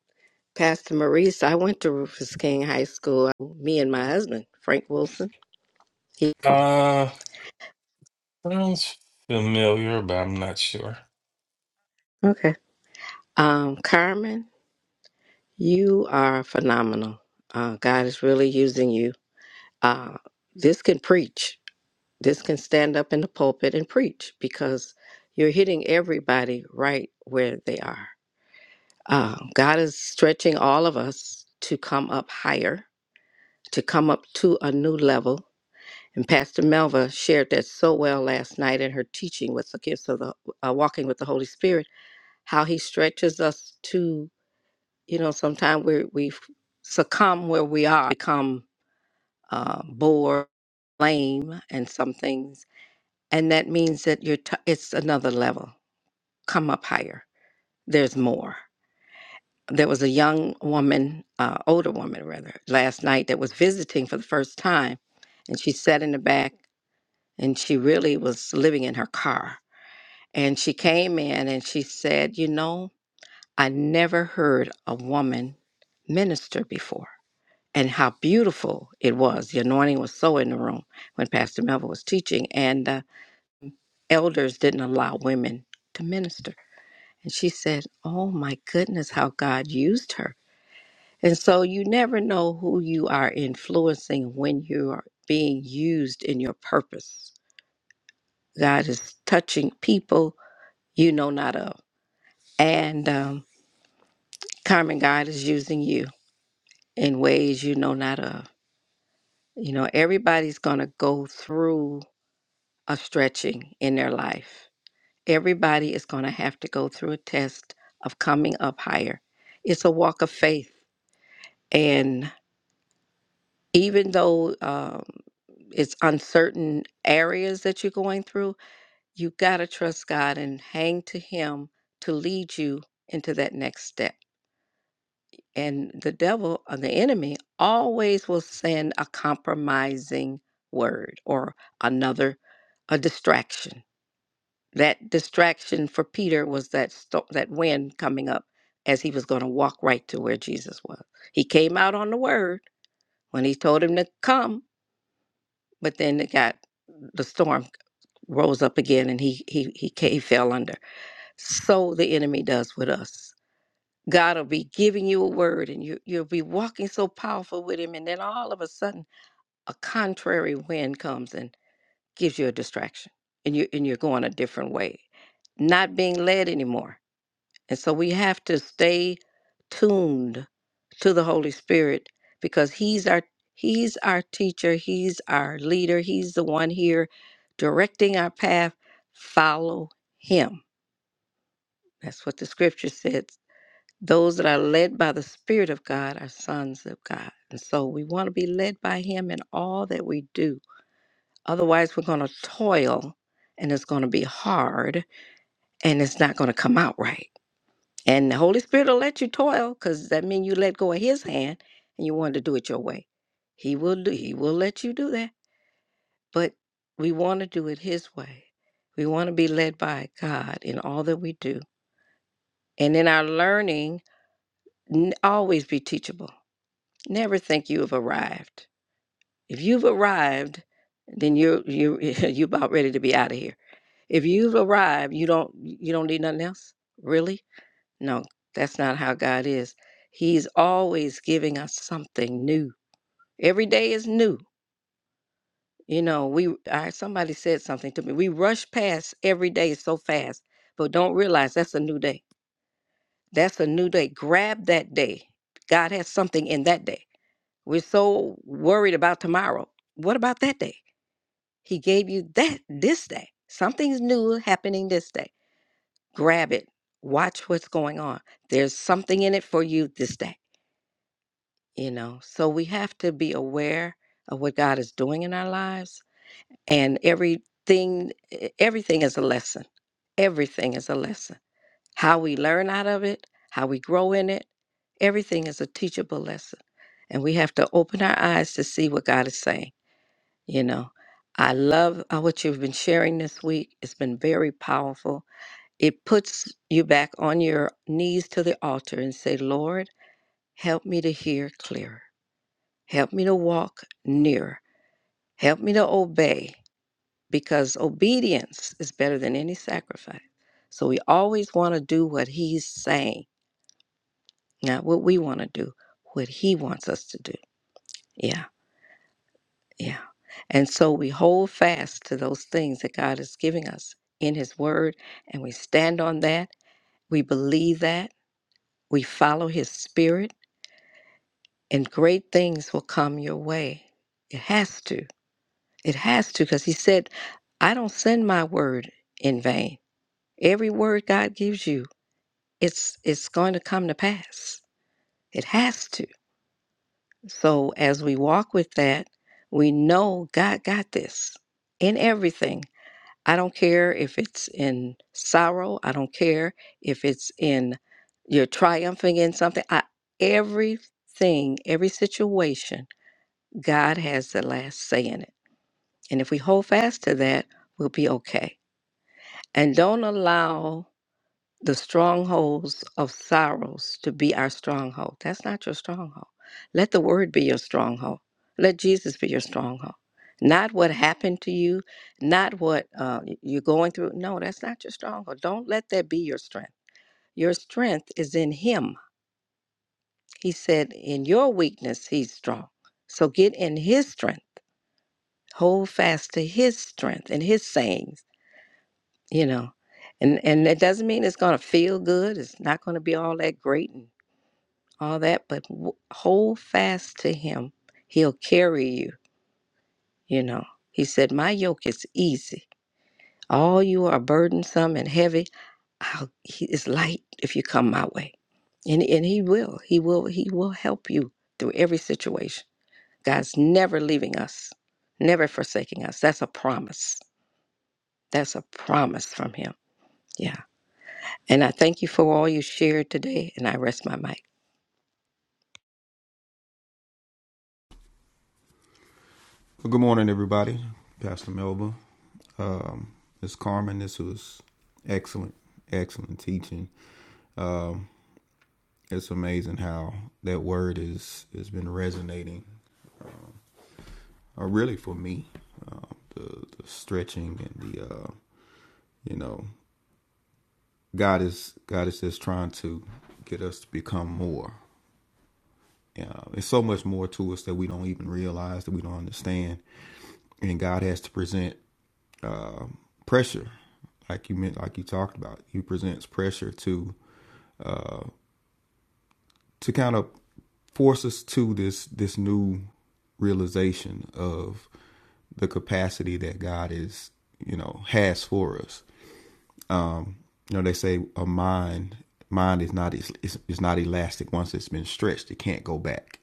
[SPEAKER 4] Pastor Maurice, I went to Rufus King High School. Me and my husband, Frank Wilson. He,
[SPEAKER 5] Uh, sounds familiar, but I'm not sure.
[SPEAKER 4] okay. Um, Carmen, you are phenomenal. Uh, God is really using you. Uh, this can preach. This can stand up in the pulpit and preach because you're hitting everybody right where they are. Uh, God is stretching all of us to come up higher, to come up to a new level And Pastor Melva shared that so well last night in her teaching with the gifts of the uh, walking with the Holy Spirit, how He stretches us to, you know, sometimes we we succumb where we are, become uh, bored, lame, and some things, and that means that you're t- it's another level. Come up higher. There's more. There was a young woman, uh, older woman rather, last night that was visiting for the first time, and she sat in the back, and she really was living in her car And she came in and she said, You know, I never heard a woman minister before and how beautiful it was. The anointing was so in the room when Pastor Melville was teaching, and the elders didn't allow women to minister. And she said, Oh my goodness, how God used her. And so you never know who you are influencing when you are being used in your purpose. God is touching people you know not of. And um, Carmen, God is using you in ways you know not of. You know, everybody's going to go through a stretching in their life. Everybody is going to have to go through a test of coming up higher. It's a walk of faith. And even though um, it's uncertain areas that you're going through, you got to trust God and hang to Him to lead you into that next step. And the devil or the enemy always will send a compromising word or another a distraction. That distraction for Peter was that sto- that wind coming up as he was going to walk right to where Jesus was. He came out on the word when he told him to come, but then it got the storm rose up again and he he he, ca- he fell under. So the enemy does with us. God will be giving you a word and you, you'll be walking so powerful with Him. And then all of a sudden, a contrary wind comes and gives you a distraction and, you, and you're going a different way, not being led anymore. And so we have to stay tuned to the Holy Spirit because He's our. He's our teacher. He's our leader. He's the one here directing our path. Follow him. That's what the scripture says. Those that are led by the Spirit of God are sons of God. And so we want to be led by Him in all that we do. Otherwise, we're going to toil and it's going to be hard and it's not going to come out right. And the Holy Spirit will let you toil because that means you let go of His hand and you want to do it your way. He will do, He will let you do that. But we want to do it His way. We want to be led by God in all that we do. And in our learning, n- always be teachable Never think you've arrived. If you've arrived, then you're you you're are about ready to be out of here. If you've arrived, you don't you don't need nothing else? Really? No, that's not how God is. He's always giving us something new. Every day is new. You know, we I somebody said something to me. We rush past every day so fast, but don't realize that's a new day. That's a new day. Grab that day. God has something in that day We're so worried about tomorrow. What about that day? He gave you that this day. Something's new happening this day. Grab it. Watch what's going on. There's something in it for you this day, you know. So we have to be aware of what God is doing in our lives and everything e- everything is a lesson. Everything is a lesson. How we learn out of it, how we grow in it, everything is a teachable lesson. And we have to open our eyes to see what God is saying You know, I love uh, what you've been sharing this week. It's been very powerful. It puts you back on your knees to the altar and say, Lord, help me to hear clearer. Help me to walk nearer. Help me to obey because obedience is better than any sacrifice. So we always want to do what he's saying, not what we want to do, what he wants us to do. Yeah. Yeah. And so we hold fast to those things that God is giving us in His Word, and we stand on that. We believe that. We follow His Spirit, and great things will come your way. It has to. It has to, because He said, I don't send my word in vain. Every word God gives you, it's it's going to come to pass. It has to. So as we walk with that, we know God got this in everything. I don't care if it's in sorrow. I don't care if it's in you're triumphing in something. I, everything, every situation, God has the last say in it. And if we hold fast to that, we'll be okay. And don't allow the strongholds of sorrows to be our stronghold. That's not your stronghold. Let the word be your stronghold. Let Jesus be your stronghold. Not what happened to you, not what uh, you're going through. No, that's not your stronghold. Don't let that be your strength. Your strength is in Him. He said, In your weakness, He's strong. So get in His strength. Hold fast to His strength and His sayings, you know. And, and it doesn't mean it's going to feel good. It's not going to be all that great. and all that, but w- hold fast to him. He'll carry you, you know. He said, My yoke is easy. All you are burdensome and heavy, I'll, he is light if you come my way. And, and he will. He will he will help you through every situation. God's never leaving us, never forsaking us. That's a promise. That's a promise from him. Yeah. And I thank you for all you shared today and I rest my mic.
[SPEAKER 3] Well, good morning, everybody. Pastor Melba. Um, Ms. Carmen, this was excellent, excellent teaching. It's amazing how that word is has been resonating, uh, really for me. Uh, the, the stretching and the uh, you know, God is God is just trying to get us to become more. Uh, it's so much more to us that we don't even realize that we don't understand, and God has to present uh, pressure, like you meant, like you talked about. He presents pressure to to kind of force us to this this new realization of the capacity that God is, you know, has for us. You know, they say a mind mind is not is is not elastic once it's been stretched. It can't go back.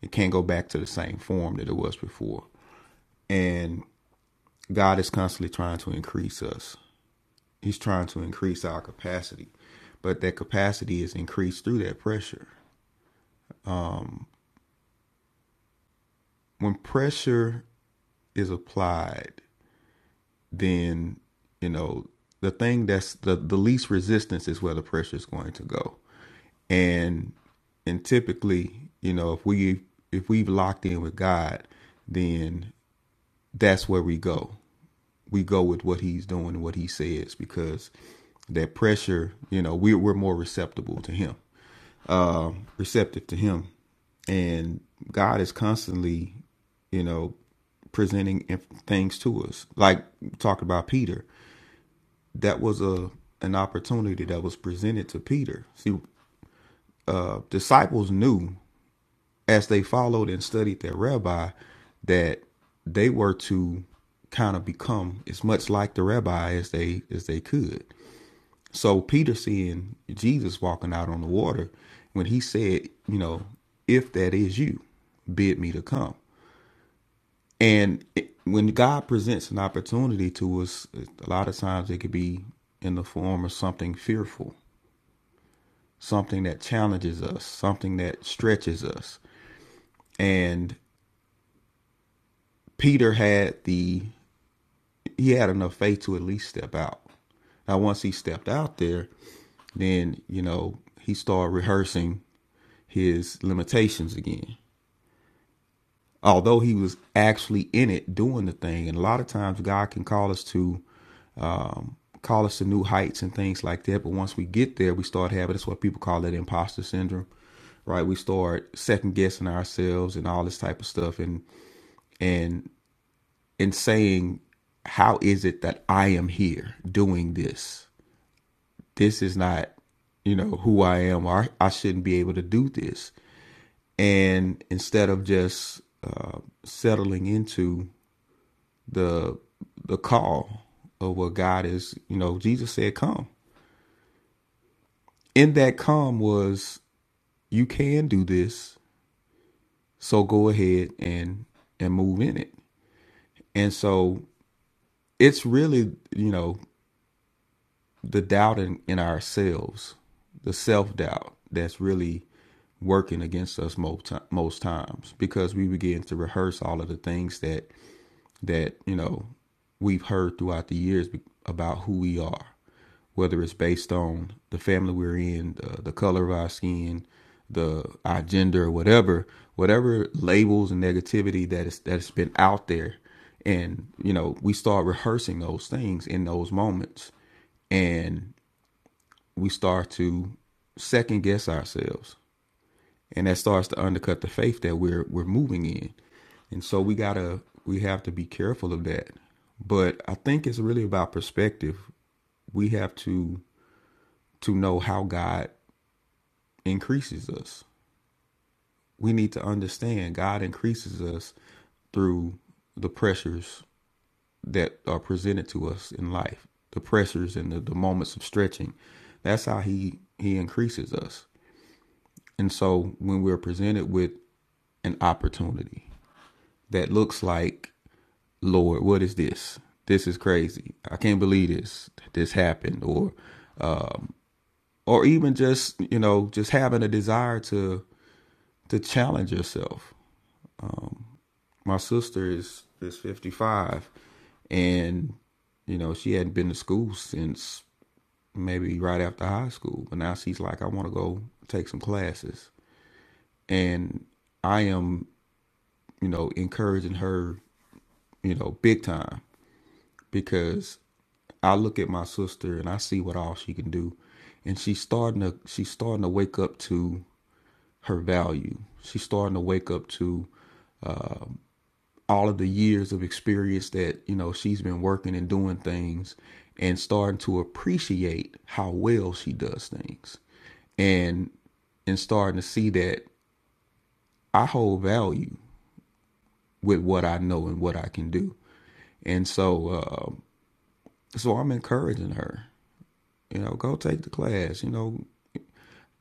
[SPEAKER 3] It can't go back to the same form that it was before. And God is constantly trying to increase us He's trying to increase our capacity, but that capacity is increased through that pressure. When pressure is applied, then you know the thing that's the, the least resistance is where the pressure is going to go, and and typically, you know, if we if we've locked in with God, then that's where we go. We go with what He's doing and what He says because that pressure, you know, we we're more receptible to Him um, receptive to Him, and God is constantly, you know, presenting things to us. Like talking about Peter, that was a an opportunity that was presented to Peter. See, uh, disciples knew as they followed and studied their rabbi that they were to kind of become as much like the rabbi as they as they could. So Peter seeing Jesus walking out on the water, when he said, you know, if that is you, bid me to come. And it, when God presents an opportunity to us, a lot of times it could be in the form of something fearful, something that challenges us, something that stretches us. And Peter had the he had enough faith to at least step out. Now, once he stepped out there, then you know he started rehearsing his limitations again. Although he was actually in it doing the thing, and a lot of times God can call us to um, call us to new heights and things like that. But once we get there, we start having that's what people call that imposter syndrome, right? We start second guessing ourselves and all this type of stuff, and and and saying, How is it that I am here doing this? This is not, you know, who I am. Or I I shouldn't be able to do this. And instead of just uh, settling into the the call of what God is, you know, Jesus said, Come. In that come was you can do this, so go ahead and and move in it. And so it's really, you know, the doubt in, in ourselves, the self doubt that's really working against us most most times because we begin to rehearse all of the things that that you know we've heard throughout the years about who we are, whether it's based on the family we're in, the, the color of our skin, the our gender, whatever, whatever labels and negativity that is that's been out there, and you know we start rehearsing those things in those moments, and we start to second guess ourselves, and that starts to undercut the faith that we're we're moving in. And so we gotta we have to be careful of that. But I think it's really about perspective. We have to to know how God increases us. We need to understand God increases us through the pressures that are presented to us in life, the pressures and the, the moments of stretching. That's how he he increases us. And so when we're presented with an opportunity that looks like, Lord, what is this? This is crazy. I can't believe this this happened or or even just, you know, just having a desire to to challenge yourself. My sister is is 55 and you know, she hadn't been to school since maybe right after high school, but now she's like I want to go take some classes. And I am, you know, encouraging her you know, big time because I look at my sister and I see what all she can do, and she's starting to she's starting to wake up to her value. She's starting to wake up to all of the years of experience that you know she's been working and doing things, and starting to appreciate how well she does things, and and starting to see that I hold value with what I know and what I can do, and so uh, so I'm encouraging her You know, go take the class, you know,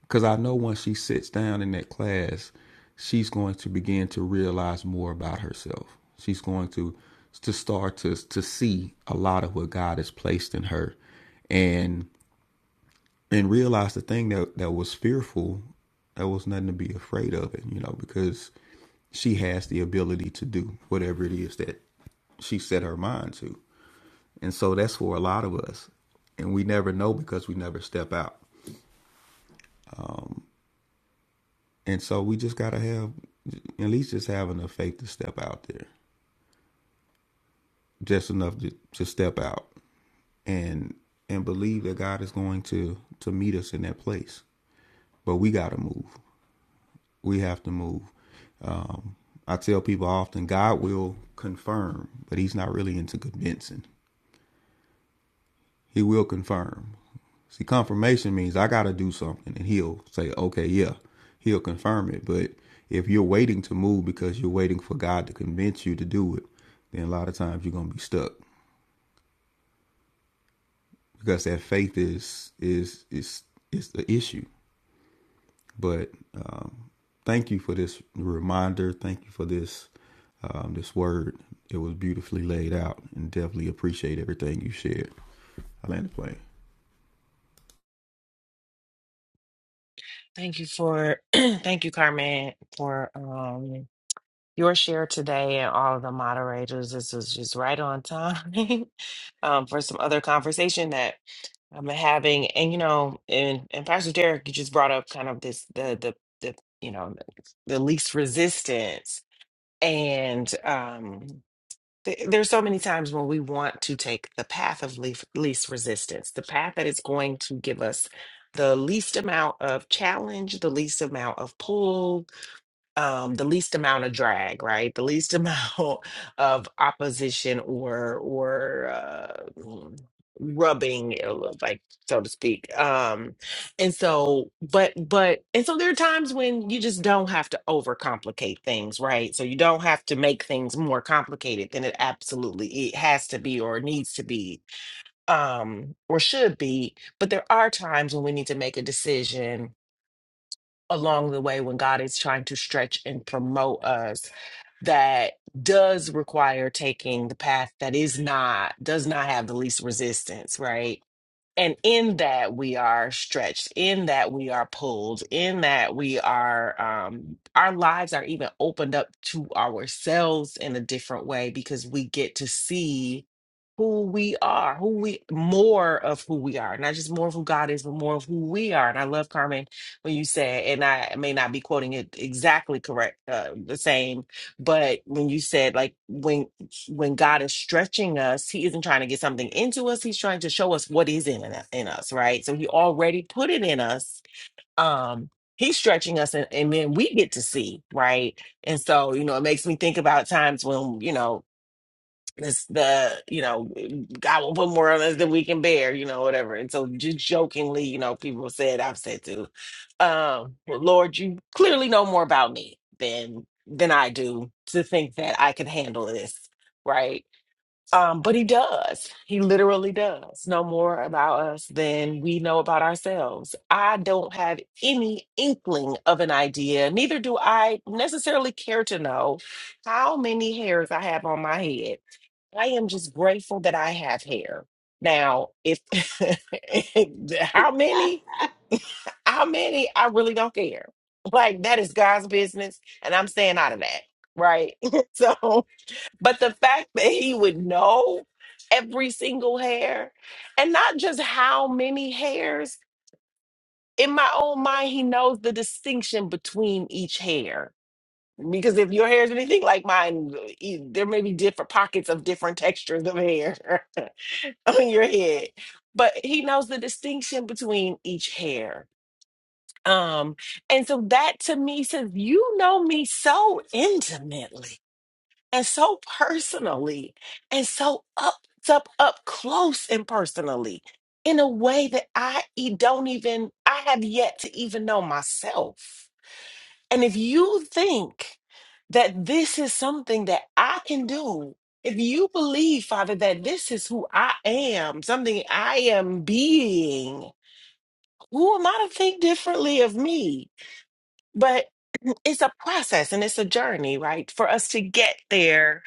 [SPEAKER 3] because I know once she sits down in that class, she's going to begin to realize more about herself. She's going to to start to to see a lot of what God has placed in her and and realize the thing that that was fearful, that was nothing to be afraid of it, you know, because she has the ability to do whatever it is that she set her mind to. And so that's for a lot of us. And we never know because we never step out. And so we just gotta have at least just have enough faith to step out there, just enough to, to step out and and believe that God is going to to meet us in that place. But we gotta move. We have to move. Um, I tell people often, God will confirm, but He's not really into convincing. He will confirm. See, confirmation means I got to do something, and he'll say, okay, yeah. He'll confirm it. But if you're waiting to move because you're waiting for God to convince you to do it, then a lot of times you're going to be stuck because that faith is is is is the issue. But um, thank you for this reminder. Thank you for this um, this word. It was beautifully laid out, and definitely appreciate everything you shared. I land the plane.
[SPEAKER 6] Thank you for thank you, Carmen, for um your share today and all of the moderators. This is just right on time um, for some other conversation that I'm having. And you know, and and Pastor Derek, you just brought up kind of this the the the you know the least resistance and um th- there's so many times when we want to take the path of leaf, least resistance, the path that is going to give us the least amount of challenge, the least amount of pull, um the least amount of drag right the least amount of opposition or or uh, mm, rubbing you know, like so to speak um and so but but and so there are times when you just don't have to overcomplicate things right so you don't have to make things more complicated than it absolutely it has to be or needs to be um or should be but there are times when we need to make a decision along the way when God is trying to stretch and promote us that does require taking the path that is not, does not have the least resistance, right? And in that we are stretched, in that we are pulled, in that we are, um, our lives are even opened up to ourselves in a different way because we get to see who we are, who we more of who we are, not just more of who God is, but more of who we are. And I love Carmen when you said, and I may not be quoting it exactly correct, uh, the same, but when you said like when when God is stretching us, He isn't trying to get something into us; He's trying to show us what is in in, in us, right? So He already put it in us. Um, He's stretching us, and, and then we get to see, right? And so, you know, it makes me think about times when, you know, this the you know God will put more on us than we can bear, you know, whatever. And so just jokingly, you know, people said I've said too, um, well, Lord, you clearly know more about me than than I do to think that I can handle this, right? Um, but he does. He literally does know more about us than we know about ourselves. I don't have any inkling of an idea, neither do I necessarily care to know how many hairs I have on my head. I am just grateful that I have hair. Now, if how many, how many, I really don't care. Like that is God's business, and I'm staying out of that, right? so but the fact that he would know every single hair and not just how many hairs, in my own mind, he knows the distinction between each hair. Because if your hair is anything like mine, e- there may be different pockets of different textures of hair on your head. But he knows the distinction between each hair. Um, and so that to me says, you know me so intimately and so personally and so up up up close and personally in a way that I e- don't even I have yet to even know myself. And if you think that this is something that I can do, if you believe, Father, that this is who I am, something I am being, who am I to think differently of me? But it's a process and it's a journey, right? For us to get there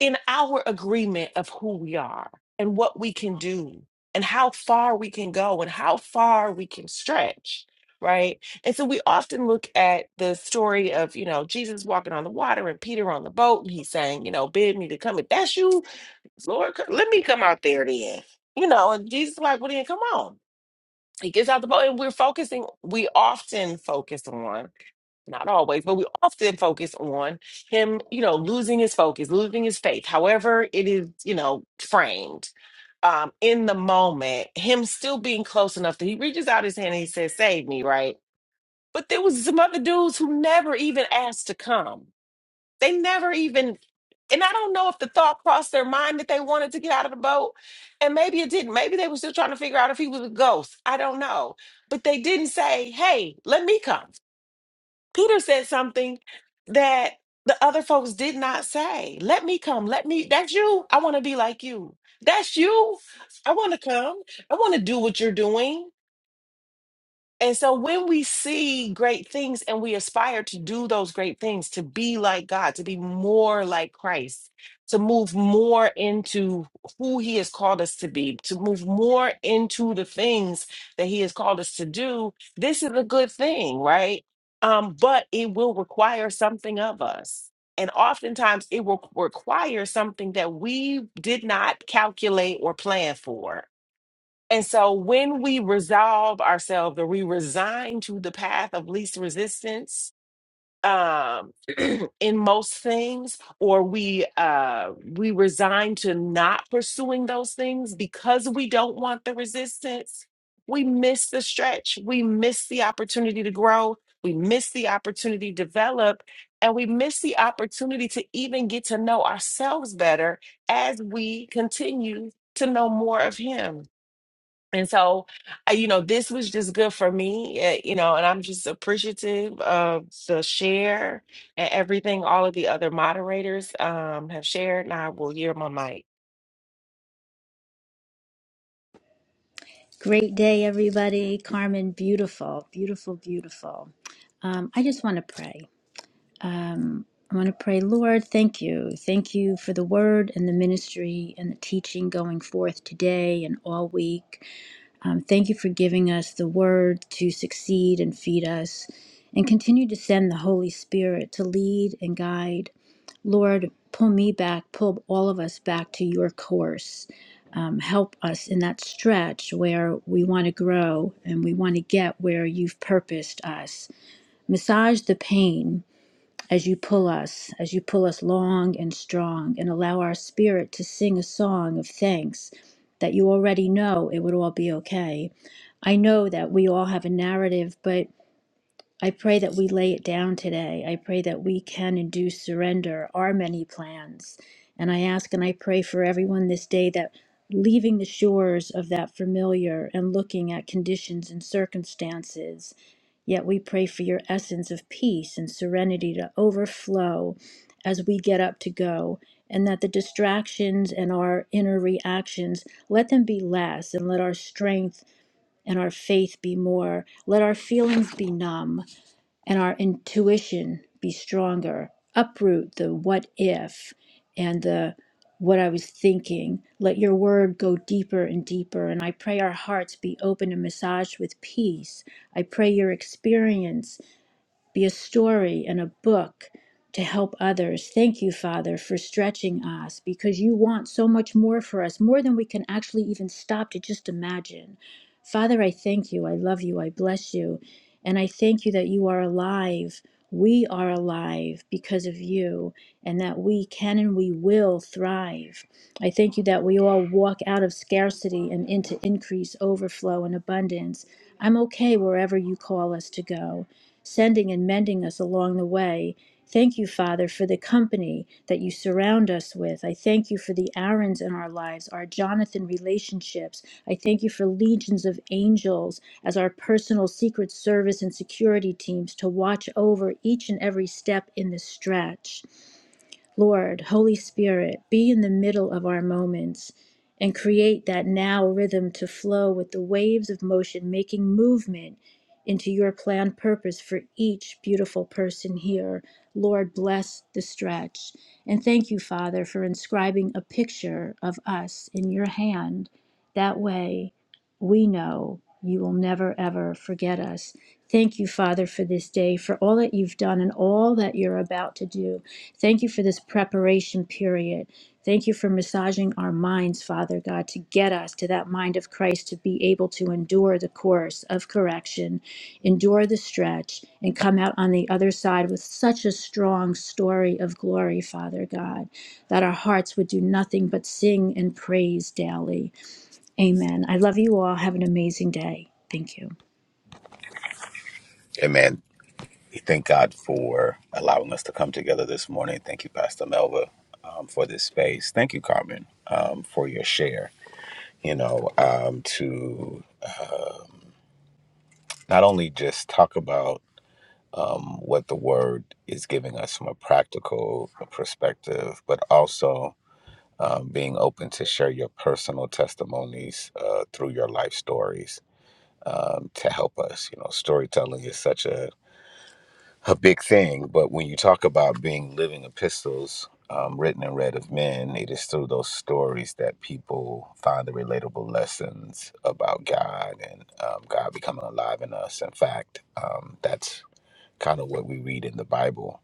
[SPEAKER 6] in our agreement of who we are and what we can do and how far we can go and how far we can stretch right and so we often look at the story of you know jesus walking on the water and peter on the boat and he's saying you know bid me to come if that's you lord c- let me come out there then you know and jesus is like well then come on he gets out the boat and we're focusing we often focus on not always, but we often focus on him, you know, losing his focus, losing his faith, however it is, you know, framed um, in the moment, him still being close enough that he reaches out his hand and he says, Save me, right? But there was some other dudes who never even asked to come. They never even, and I don't know if the thought crossed their mind that they wanted to get out of the boat. And maybe it didn't. Maybe they were still trying to figure out if he was a ghost. I don't know. But they didn't say, Hey, let me come. Peter said something that the other folks did not say. Let me come. Let me. That's you. I want to be like you. That's you. I want to come. I want to do what you're doing. And so when we see great things and we aspire to do those great things, to be like God, to be more like Christ, to move more into who he has called us to be, to move more into the things that he has called us to do, this is a good thing, right? Um, but it will require something of us. And oftentimes it will require something that we did not calculate or plan for and so when we resolve ourselves or we resign to the path of least resistance, um in most things or we uh we resign to not pursuing those things because we don't want the resistance we miss the stretch we miss the opportunity to grow we miss the opportunity to develop and we miss the opportunity to even get to know ourselves better as we continue to know more of him and so, I, you know, this was just good for me, eh, you know, and I'm just appreciative of the share and everything all of the other moderators um, have shared. And I will hear my mic.
[SPEAKER 7] Great day, everybody. Carmen, beautiful, beautiful, beautiful. Um, I just want to pray. Um, I want to pray, Lord, thank you. Thank you for the word and the ministry and the teaching going forth today and all week. Um, thank you for giving us the word to succeed and feed us, and continue to send the Holy Spirit to lead and guide. Lord, pull me back, pull all of us back to your course. Um, help us in that stretch where we want to grow and we want to get where you've purposed us. Massage the pain as you pull us, as you pull us long and strong, and allow our spirit to sing a song of thanks that you already know it would all be okay. I know that we all have a narrative, but I pray that we lay it down today. I pray that we can and do surrender our many plans. And I ask and I pray for everyone this day that leaving the shores of that familiar and looking at conditions and circumstances Yet we pray for your essence of peace and serenity to overflow as we get up to go, and that the distractions and our inner reactions let them be less, and let our strength and our faith be more. Let our feelings be numb and our intuition be stronger. Uproot the what if and the what I was thinking. Let your word go deeper and deeper. And I pray our hearts be open and massaged with peace. I pray your experience be a story and a book to help others. Thank you, Father, for stretching us because you want so much more for us, more than we can actually even stop to just imagine. Father, I thank you. I love you. I bless you. And I thank you that you are alive. We are alive because of you, and that we can and we will thrive. I thank you that we all walk out of scarcity and into increase, overflow, and abundance. I'm okay wherever you call us to go sending and mending us along the way. Thank you, Father, for the company that you surround us with. I thank you for the Aarons in our lives, our Jonathan relationships. I thank you for legions of angels as our personal secret service and security teams to watch over each and every step in the stretch. Lord, Holy Spirit, be in the middle of our moments and create that now rhythm to flow with the waves of motion, making movement into your planned purpose for each beautiful person here. Lord, bless the stretch. And thank you, Father, for inscribing a picture of us in your hand. That way, we know you will never, ever forget us. Thank you, Father, for this day, for all that you've done and all that you're about to do. Thank you for this preparation period. Thank you for massaging our minds, Father God, to get us to that mind of Christ to be able to endure the course of correction, endure the stretch, and come out on the other side with such a strong story of glory, Father God, that our hearts would do nothing but sing and praise daily. Amen. I love you all. Have an amazing day. Thank you.
[SPEAKER 8] Amen. We thank God for allowing us to come together this morning. Thank you, Pastor Melva, um, for this space. Thank you, Carmen, um, for your share. You know, um, to not only just talk about um, what the word is giving us from a practical perspective, but also um, being open to share your personal testimonies uh, through your life stories um, to help us. You know, storytelling is such a a big thing. But when you talk about being living epistles um, written and read of men, it is through those stories that people find the relatable lessons about God and um, God becoming alive in us. In fact, um, that's kind of what we read in the Bible.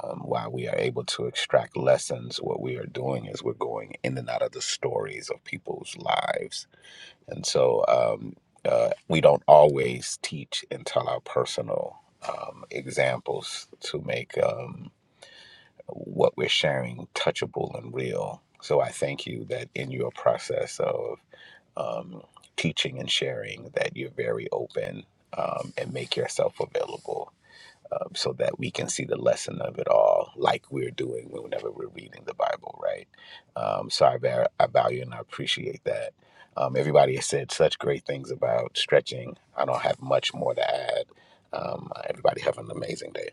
[SPEAKER 8] Um, why we are able to extract lessons, what we are doing is we're going in and out of the stories of people's lives and so um, uh, we don't always teach and tell our personal um, examples to make um, what we're sharing touchable and real. So I thank you that in your process of um, teaching and sharing, that you're very open um, and make yourself available um, so that we can see the lesson of it all, like we're doing whenever we're reading the Bible, right? Um, so I, va- I value and I appreciate that. Um, everybody has said such great things about stretching. I don't have much more to add. Um, everybody have an amazing day.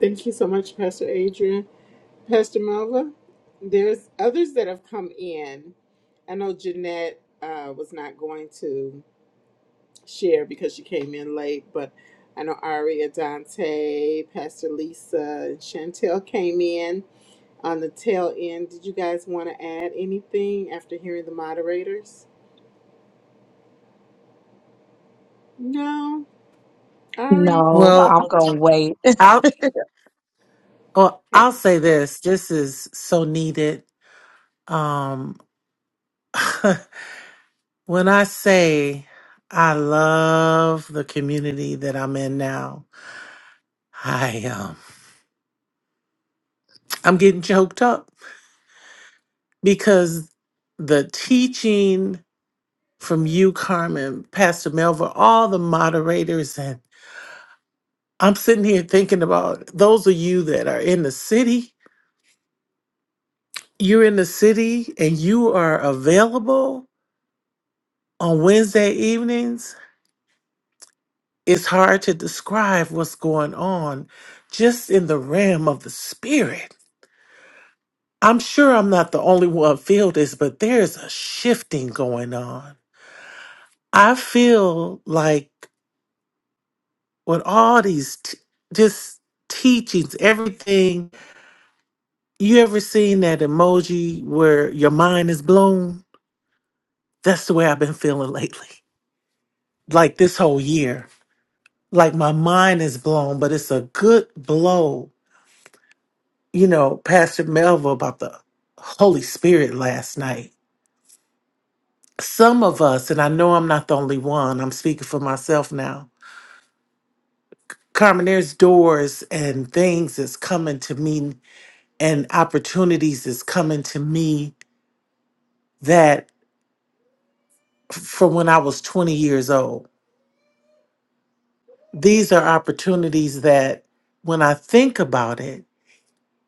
[SPEAKER 1] Thank you so much, Pastor Adrian. Pastor Malva, there's others that have come in. I know Jeanette uh, was not going to share because she came in late, but I know Aria, Dante, Pastor Lisa, and Chantel came in. on the tail end. Did you guys want to add anything after hearing the moderators? No? Ari?
[SPEAKER 9] No,
[SPEAKER 10] Well,
[SPEAKER 9] I'm gonna wait.
[SPEAKER 10] I'll well,
[SPEAKER 1] Okay.
[SPEAKER 10] I'll say this. This is so needed. Um, when I say I love the community that I'm in now, I um I'm getting choked up because the teaching from you, Carmen, Pastor Melva, all the moderators, and I'm sitting here thinking about those of you that are in the city. You're in the city and you are available on Wednesday evenings It's hard to describe what's going on just in the realm of the spirit. I'm sure I'm not the only one feel this, but there's a shifting going on. I feel like with all these t- just teachings, everything you ever seen that emoji where your mind is blown? That's the way I've been feeling lately. Like this whole year. Like my mind is blown, but it's a good blow you know, Pastor Melville about the Holy Spirit last night. Some of us, and I know I'm not the only one, I'm speaking for myself now. Carmen, there's doors and things that's coming to me and opportunities that's coming to me that f- from when I was 20 years old. These are opportunities that when I think about it,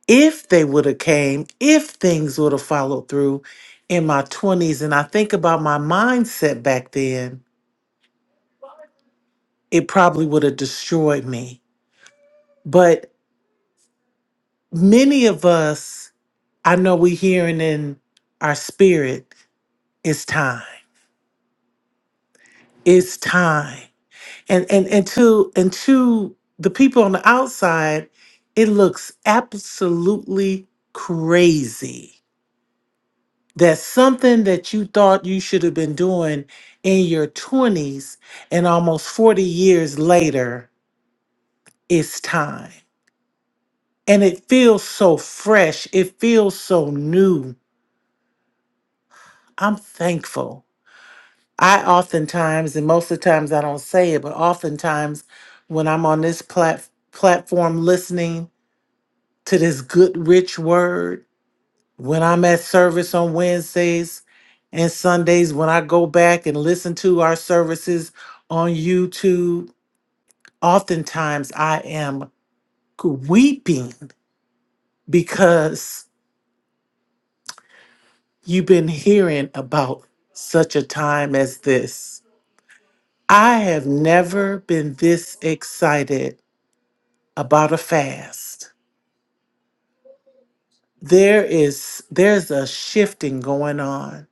[SPEAKER 10] if they would have came, if things would have followed through in my 20s, and I think about my mindset back then, it probably would have destroyed me. But many of us, I know we're hearing in our spirit, it's time. It's time. And and and to and to the people on the outside, it looks absolutely crazy that something that you thought you should have been doing in your 20s and almost 40 years later, it's time. And it feels so fresh. It feels so new. I'm thankful. I oftentimes, and most of the times I don't say it, but oftentimes when I'm on this plat- platform listening to this good, rich word, when I'm at service on Wednesdays and Sundays, when I go back and listen to our services on YouTube, oftentimes I am weeping because. You've been hearing about such a time as this. I have never been this excited about a fast. There is there's a shifting going on.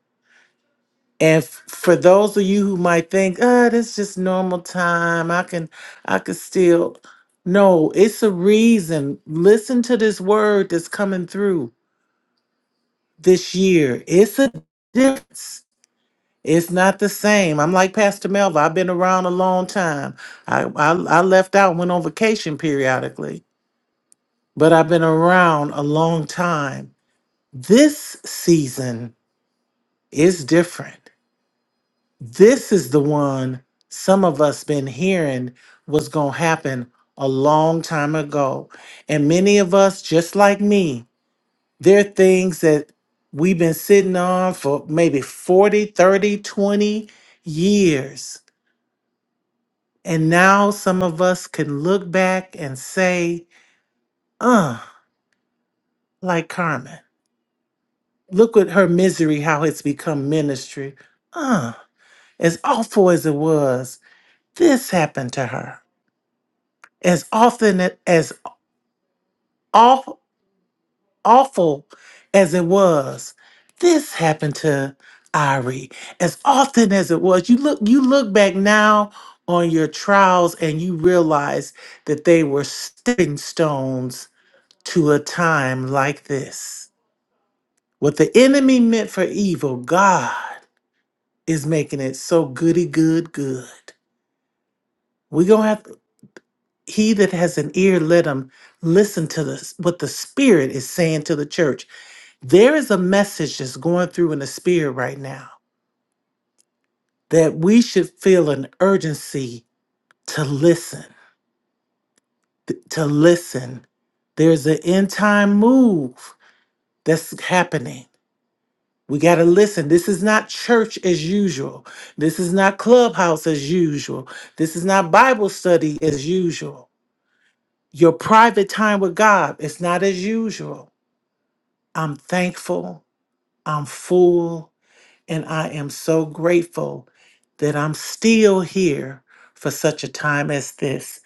[SPEAKER 10] And f- for those of you who might think, "Oh, that's just normal time. I can I can still No, it's a reason. Listen to this word that's coming through this year. It's a difference It's not the same. I'm like Pastor Melva. I've been around a long time. I, I I left out, went on vacation periodically, but I've been around a long time. This season is different. This is the one some of us been hearing was gonna happen a long time ago. And many of us, just like me, there are things that we've been sitting on for maybe 40, 30, 20 years And now some of us can look back and say, uh, like Carmen, look at her misery, how it's become ministry. Uh, as awful as it was, this happened to her. As often a- as awful, awful as it was, this happened to Irie. As often as it was, you look, you look back now on your trials and you realize that they were stepping stones to a time like this. What the enemy meant for evil, God is making it so goody good good. We're going to have he that has an ear let him listen to the, what the spirit is saying to the church. There is a message that's going through in the spirit right now that we should feel an urgency to listen, th- to listen. There's an end time move that's happening We got to listen. This is not church as usual. This is not clubhouse as usual. This is not Bible study as usual. Your private time with God is not as usual. I'm thankful, I'm full, and I am so grateful that I'm still here for such a time as this.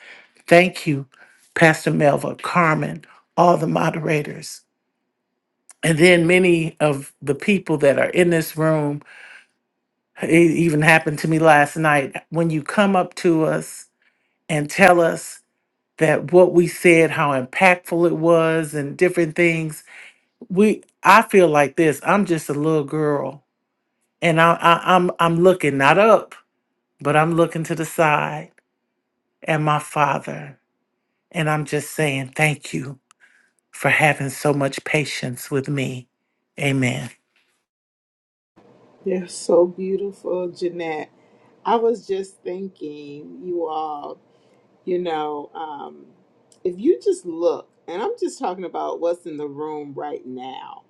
[SPEAKER 10] Thank you, Pastor Melva, Carmen, all the moderators, and then many of the people that are in this room It even happened to me last night. When you come up to us and tell us that what we said, how impactful it was, and different things, we I feel like this. I'm just a little girl, and I, I I'm I'm looking not up, but I'm looking to the side at my father, and I'm just saying thank you for having so much patience with me. Amen.
[SPEAKER 1] They're so beautiful, Jeanette. I was just thinking, you all, you know, um, if you just look, and I'm just talking about what's in the room right now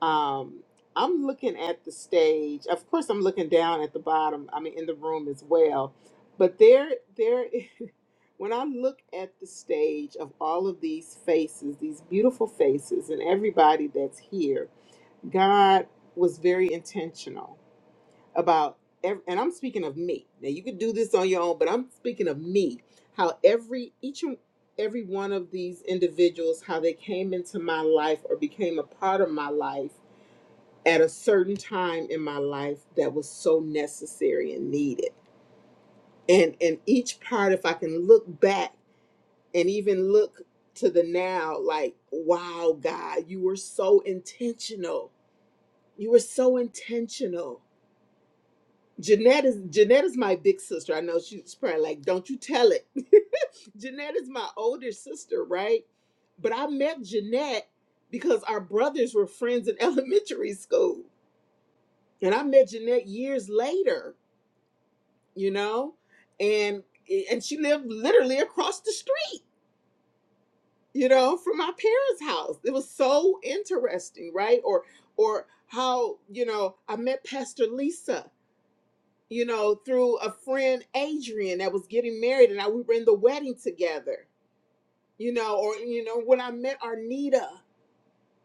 [SPEAKER 1] um i'm looking at the stage of course i'm looking down at the bottom i mean in the room as well but there there when i look at the stage of all of these faces these beautiful faces and everybody that's here god was very intentional about ev- and i'm speaking of me now you could do this on your own but i'm speaking of me how every each and every one of these individuals how they came into my life or became a part of my life at a certain time in my life that was so necessary and needed. And and each part, if I can look back and even look to the now, like, wow, God, you were so intentional. You were so intentional. Jeanette is Jeanette is my big sister. I know she's probably like, don't you tell it. Jeanette is my older sister, right? But I met Jeanette because our brothers were friends in elementary school. And I met Jeanette years later you know and and she lived literally across the street you know from my parents house it was so interesting right or or how you know i met pastor lisa you know through a friend adrian that was getting married and I, we were in the wedding together you know or you know when i met arnita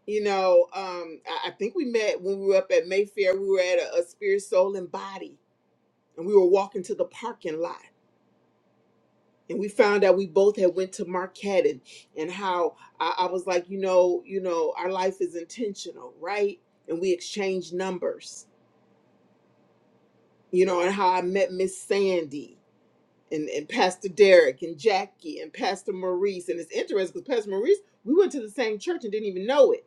[SPEAKER 1] you know um i, I think we met when we were up at mayfair we were at a, a spirit soul and body and we were walking to the parking lot and we found out we both had went to Marquette and, and how I, I was like, you know, you know, our life is intentional, right? And we exchanged numbers, you know, and how I met Miss Sandy and, and Pastor Derek and Jackie and Pastor Maurice. And it's interesting because Pastor Maurice, we went to the same church and didn't even know it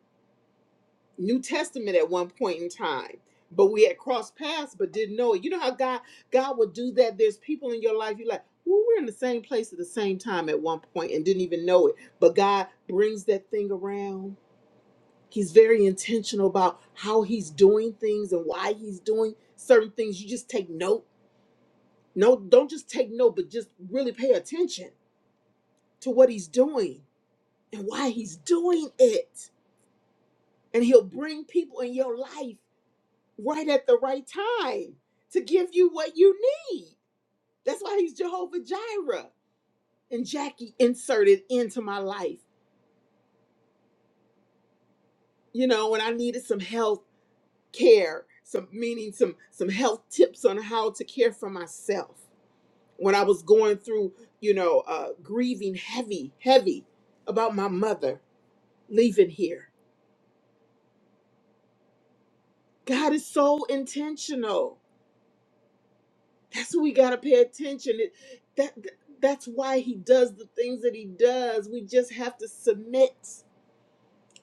[SPEAKER 1] New Testament at one point in time, but we had crossed paths but didn't know it. You know how God God will do that. There's people in your life you are like, well, we're in the same place at the same time at one point and didn't even know it. But God brings that thing around. He's very intentional about how he's doing things and why he's doing certain things. You just take note. No, don't just take note, but just really pay attention to what he's doing and why he's doing it. And he'll bring people in your life right at the right time to give you what you need. That's why he's Jehovah Jireh. And Jackie inserted into my life, you know, when I needed some health care, some meaning some some health tips on how to care for myself. When I was going through, you know, uh grieving heavy, heavy about my mother leaving here. God is so intentional That's what we gotta pay attention. It, that that's why he does the things that he does. We just have to submit.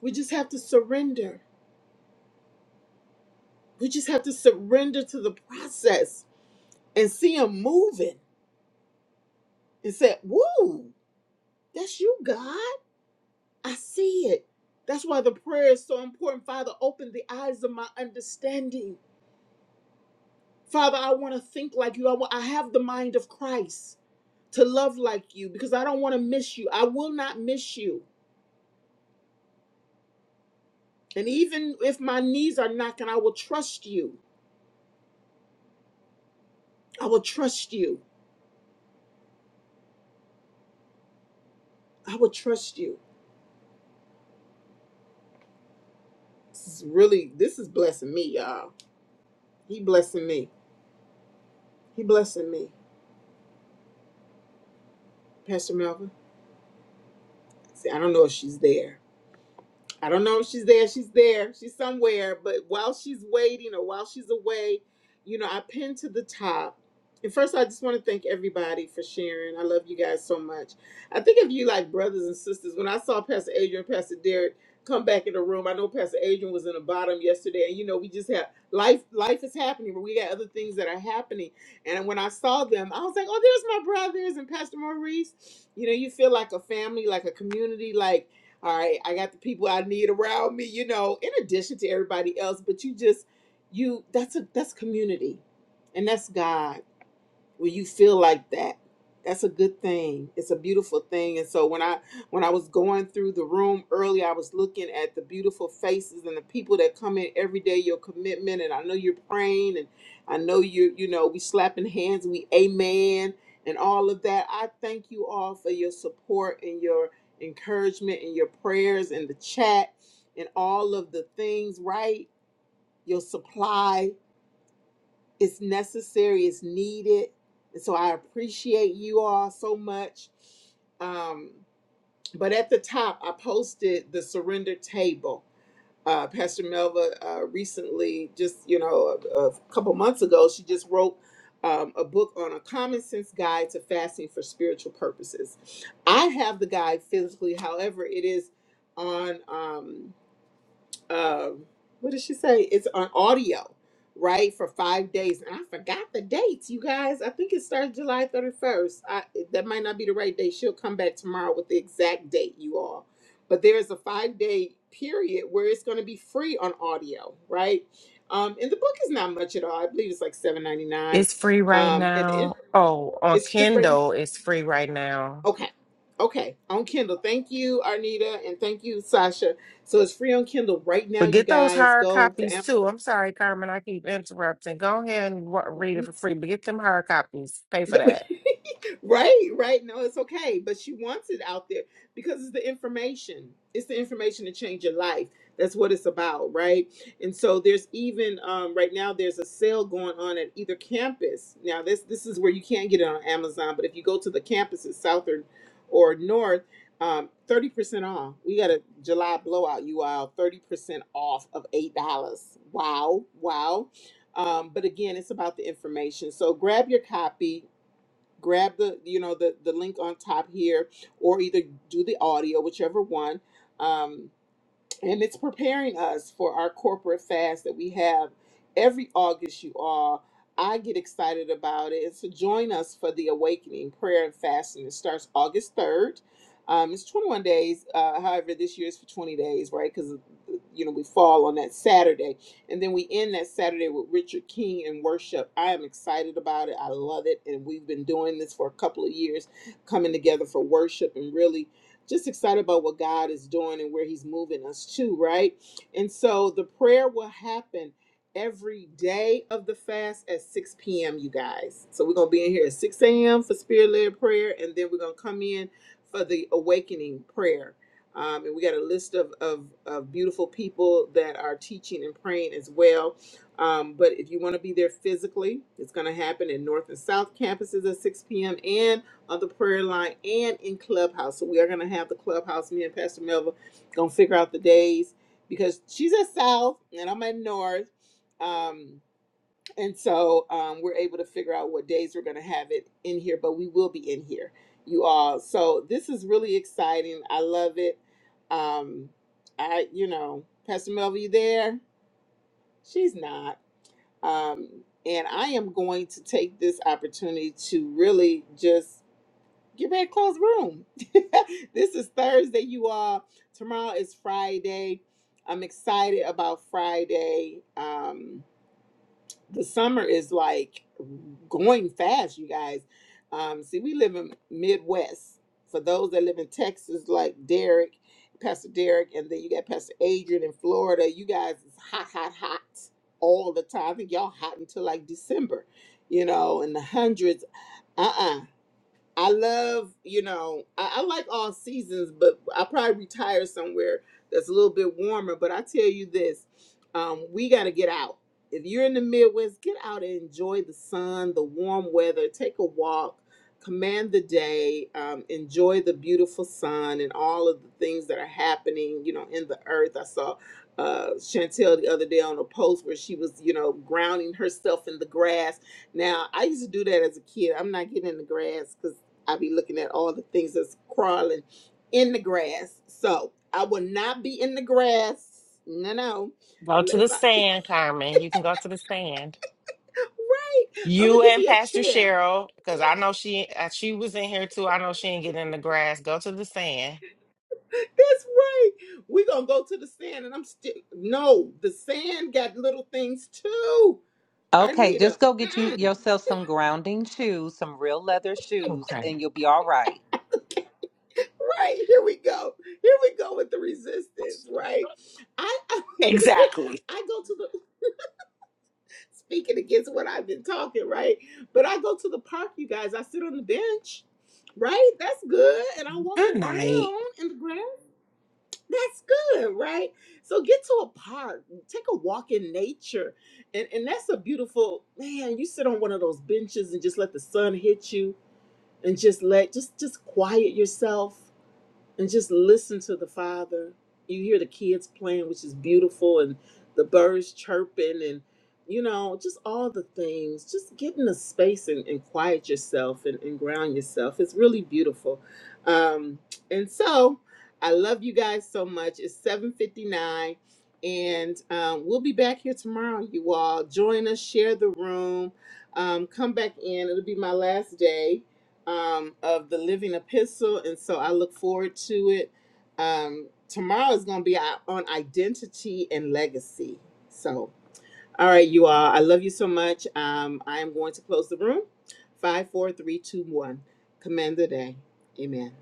[SPEAKER 1] We just have to surrender. We just have to surrender to the process and see him moving and say, "Woo, that's you, God. I see it." That's why the prayer is so important. Father, open the eyes of my understanding. Father, I want to think like you. I, wa- I have the mind of Christ to love like you because I don't want to miss you. I will not miss you. And even if my knees are knocking, I will trust you. I will trust you. I will trust you. This is really, this is blessing me, y'all. He blessing me. He blessing me. Pastor Melvin. See, I don't know if she's there. I don't know if she's there. She's there. She's somewhere. But while she's waiting or while she's away, you know, I pinned to the top. And first, I just want to thank everybody for sharing. I love you guys so much. I think of you like brothers and sisters. When I saw Pastor Adrian and Pastor Derek come back in the room, I know Pastor Adrian was in the bottom yesterday. And you know, we just have life. Life is happening, but we got other things that are happening. And when I saw them, I was like, "Oh, there's my brothers and Pastor Maurice." You know, you feel like a family, like a community, like all right, I got the people I need around me, you know, in addition to everybody else, but you just you that's a that's community. And that's God when you feel like that that's a good thing it's a beautiful thing and so when i when i was going through the room early i was looking at the beautiful faces and the people that come in every day your commitment and i know you're praying and i know you you know we slapping hands we amen and all of that i thank you all for your support and your encouragement and your prayers and the chat and all of the things right your supply it's necessary, it's needed. And so I appreciate you all so much. Um, but at the top, I posted the surrender table. Uh, Pastor Melva uh, recently, just you know, a, a couple months ago, she just wrote um, a book on a common sense guide to fasting for spiritual purposes. I have the guide physically, however, it is on. Um, um what did she say it's on audio right for five days and i forgot the dates you guys i think it starts july 31st I, that might not be the right date she'll come back tomorrow with the exact date you all but there is a five day period where it's going to be free on audio right um and the book is not much at all i believe it's like 7.99
[SPEAKER 6] It's free right
[SPEAKER 1] um and it,
[SPEAKER 6] now. Oh, on
[SPEAKER 1] it's free right now
[SPEAKER 6] Kindle, it's free right now.
[SPEAKER 1] Okay. Okay. On Kindle. Thank you, Arnita, and thank you, Sasha. So it's free on Kindle right now,
[SPEAKER 6] But
[SPEAKER 1] you
[SPEAKER 6] get those
[SPEAKER 1] guys.
[SPEAKER 6] hard
[SPEAKER 1] Go
[SPEAKER 6] copies
[SPEAKER 1] to
[SPEAKER 6] too. I'm sorry, Carmen, I keep interrupting. Go ahead and wa- read it for free, but get them hard copies. Pay for
[SPEAKER 1] Amazon.
[SPEAKER 6] that.
[SPEAKER 1] right, right. No, it's okay. But she wants it out there because it's the information. It's the information to change your life. That's what it's about, right? And so there's even um, right now there's a sale going on at either campus. Now this this is where you can't get it on Amazon, but if you go to the campuses south or or north, um, 30% off. We got a July blowout, you all 30% off of $8. Wow, wow. Um, but again, it's about the information. So grab your copy grab the you know the the link on top here or either do the audio whichever one um and it's preparing us for our corporate fast that we have every August. You all, I get excited about it. So join us for the awakening prayer and fasting. It starts August third. Um, it's 21 days. Uh, however, this year is for 20 days, right? Because you know we fall on that Saturday, and then we end that Saturday with Richard King and worship. I am excited about it. I love it, and we've been doing this for a couple of years, coming together for worship and really just excited about what God is doing and where He's moving us to, right? And so the prayer will happen every day of the fast at 6 p.m., you guys. So we're going to be in here at 6 a.m. for spirit led prayer, and then we're going to come in for the awakening prayer. Um, and we got a list of, of, of beautiful people that are teaching and praying as well. Um, but if you want to be there physically, it's going to happen in North and South campuses at 6 p.m. and on the prayer line and in Clubhouse. So we are gonna have the Clubhouse. Me and Pastor Melva gonna figure out the days because she's at South and I'm at North. Um, and so um, we're able to figure out what days we're gonna have it in here, but we will be in here, you all. So this is really exciting. I love it. Um, I, you know, Pastor Melva, you there? She's not. Um, and I am going to take this opportunity to really just get ready to close the room. this is Thursday, you all. Tomorrow is Friday. I'm excited about Friday. Um, the summer is like going fast, you guys. Um, see, we live in Midwest. For those that live in Texas, like Derek, Pastor Derek, and then you got Pastor Adrian in Florida. You guys is hot, hot, hot all the time. I think y'all hot until like December, you know, in the hundreds. Uh uh I love, you know, I, I like all seasons, but I probably retire somewhere that's a little bit warmer. But I tell you this, um, we got to get out. If you're in the Midwest, get out and enjoy the sun, the warm weather, take a walk, command the day, um, enjoy the beautiful sun and all of the things that are happening, you know, in the earth. I saw uh, Chantel the other day on a post where she was, you know, grounding herself in the grass. Now, I used to do that as a kid. I'm not getting in the grass 'cause I be looking at all the things that's crawling in the grass. So I will not be in the grass. No, no.
[SPEAKER 6] Go to
[SPEAKER 1] Unless
[SPEAKER 6] the
[SPEAKER 1] I
[SPEAKER 6] sand, Carmen. You can go to the sand.
[SPEAKER 1] right. I'm gonna
[SPEAKER 6] You
[SPEAKER 1] give
[SPEAKER 6] and
[SPEAKER 1] me a
[SPEAKER 6] Pastor
[SPEAKER 1] chair.
[SPEAKER 6] Cheryl, because I know she uh, she was in here too. I know she ain't getting in the grass. Go to the sand.
[SPEAKER 1] That's right. We're gonna go to the sand and I'm still no, the sand got little things too.
[SPEAKER 11] Okay,
[SPEAKER 1] Arnita.
[SPEAKER 11] just go get you
[SPEAKER 1] Mm-mm.
[SPEAKER 11] yourself some grounding shoes, some real leather shoes,
[SPEAKER 6] Okay.
[SPEAKER 11] and you'll be all right.
[SPEAKER 1] Right, here we go. Here we go with the resistance, right? I I,
[SPEAKER 6] Exactly.
[SPEAKER 1] I go to the speaking against what I've been talking, right? But I go to the park, you guys. I sit on the bench, right? That's good. And I walk
[SPEAKER 6] Good night.
[SPEAKER 1] around in the grass. That's good, right? So get to a park, take a walk in nature. And and that's a beautiful man, you sit on one of those benches and just let the sun hit you and just let just just quiet yourself and just listen to the father. You hear the kids playing, which is beautiful, and the birds chirping, and you know, just all the things. Just get in a space and, and quiet yourself and, and ground yourself. It's really beautiful. Um, and so I love you guys so much. It's 759. And um, we'll be back here tomorrow, you all. Join us, share the room, um, come back in. It'll be my last day um, of the Living Epistle, and so I look forward to it. Um, tomorrow is going to be our- on identity and legacy. So, all right, you all, I love you so much. Um, I am going to close the room. Five, four, three, two, one. Command the day. Amen.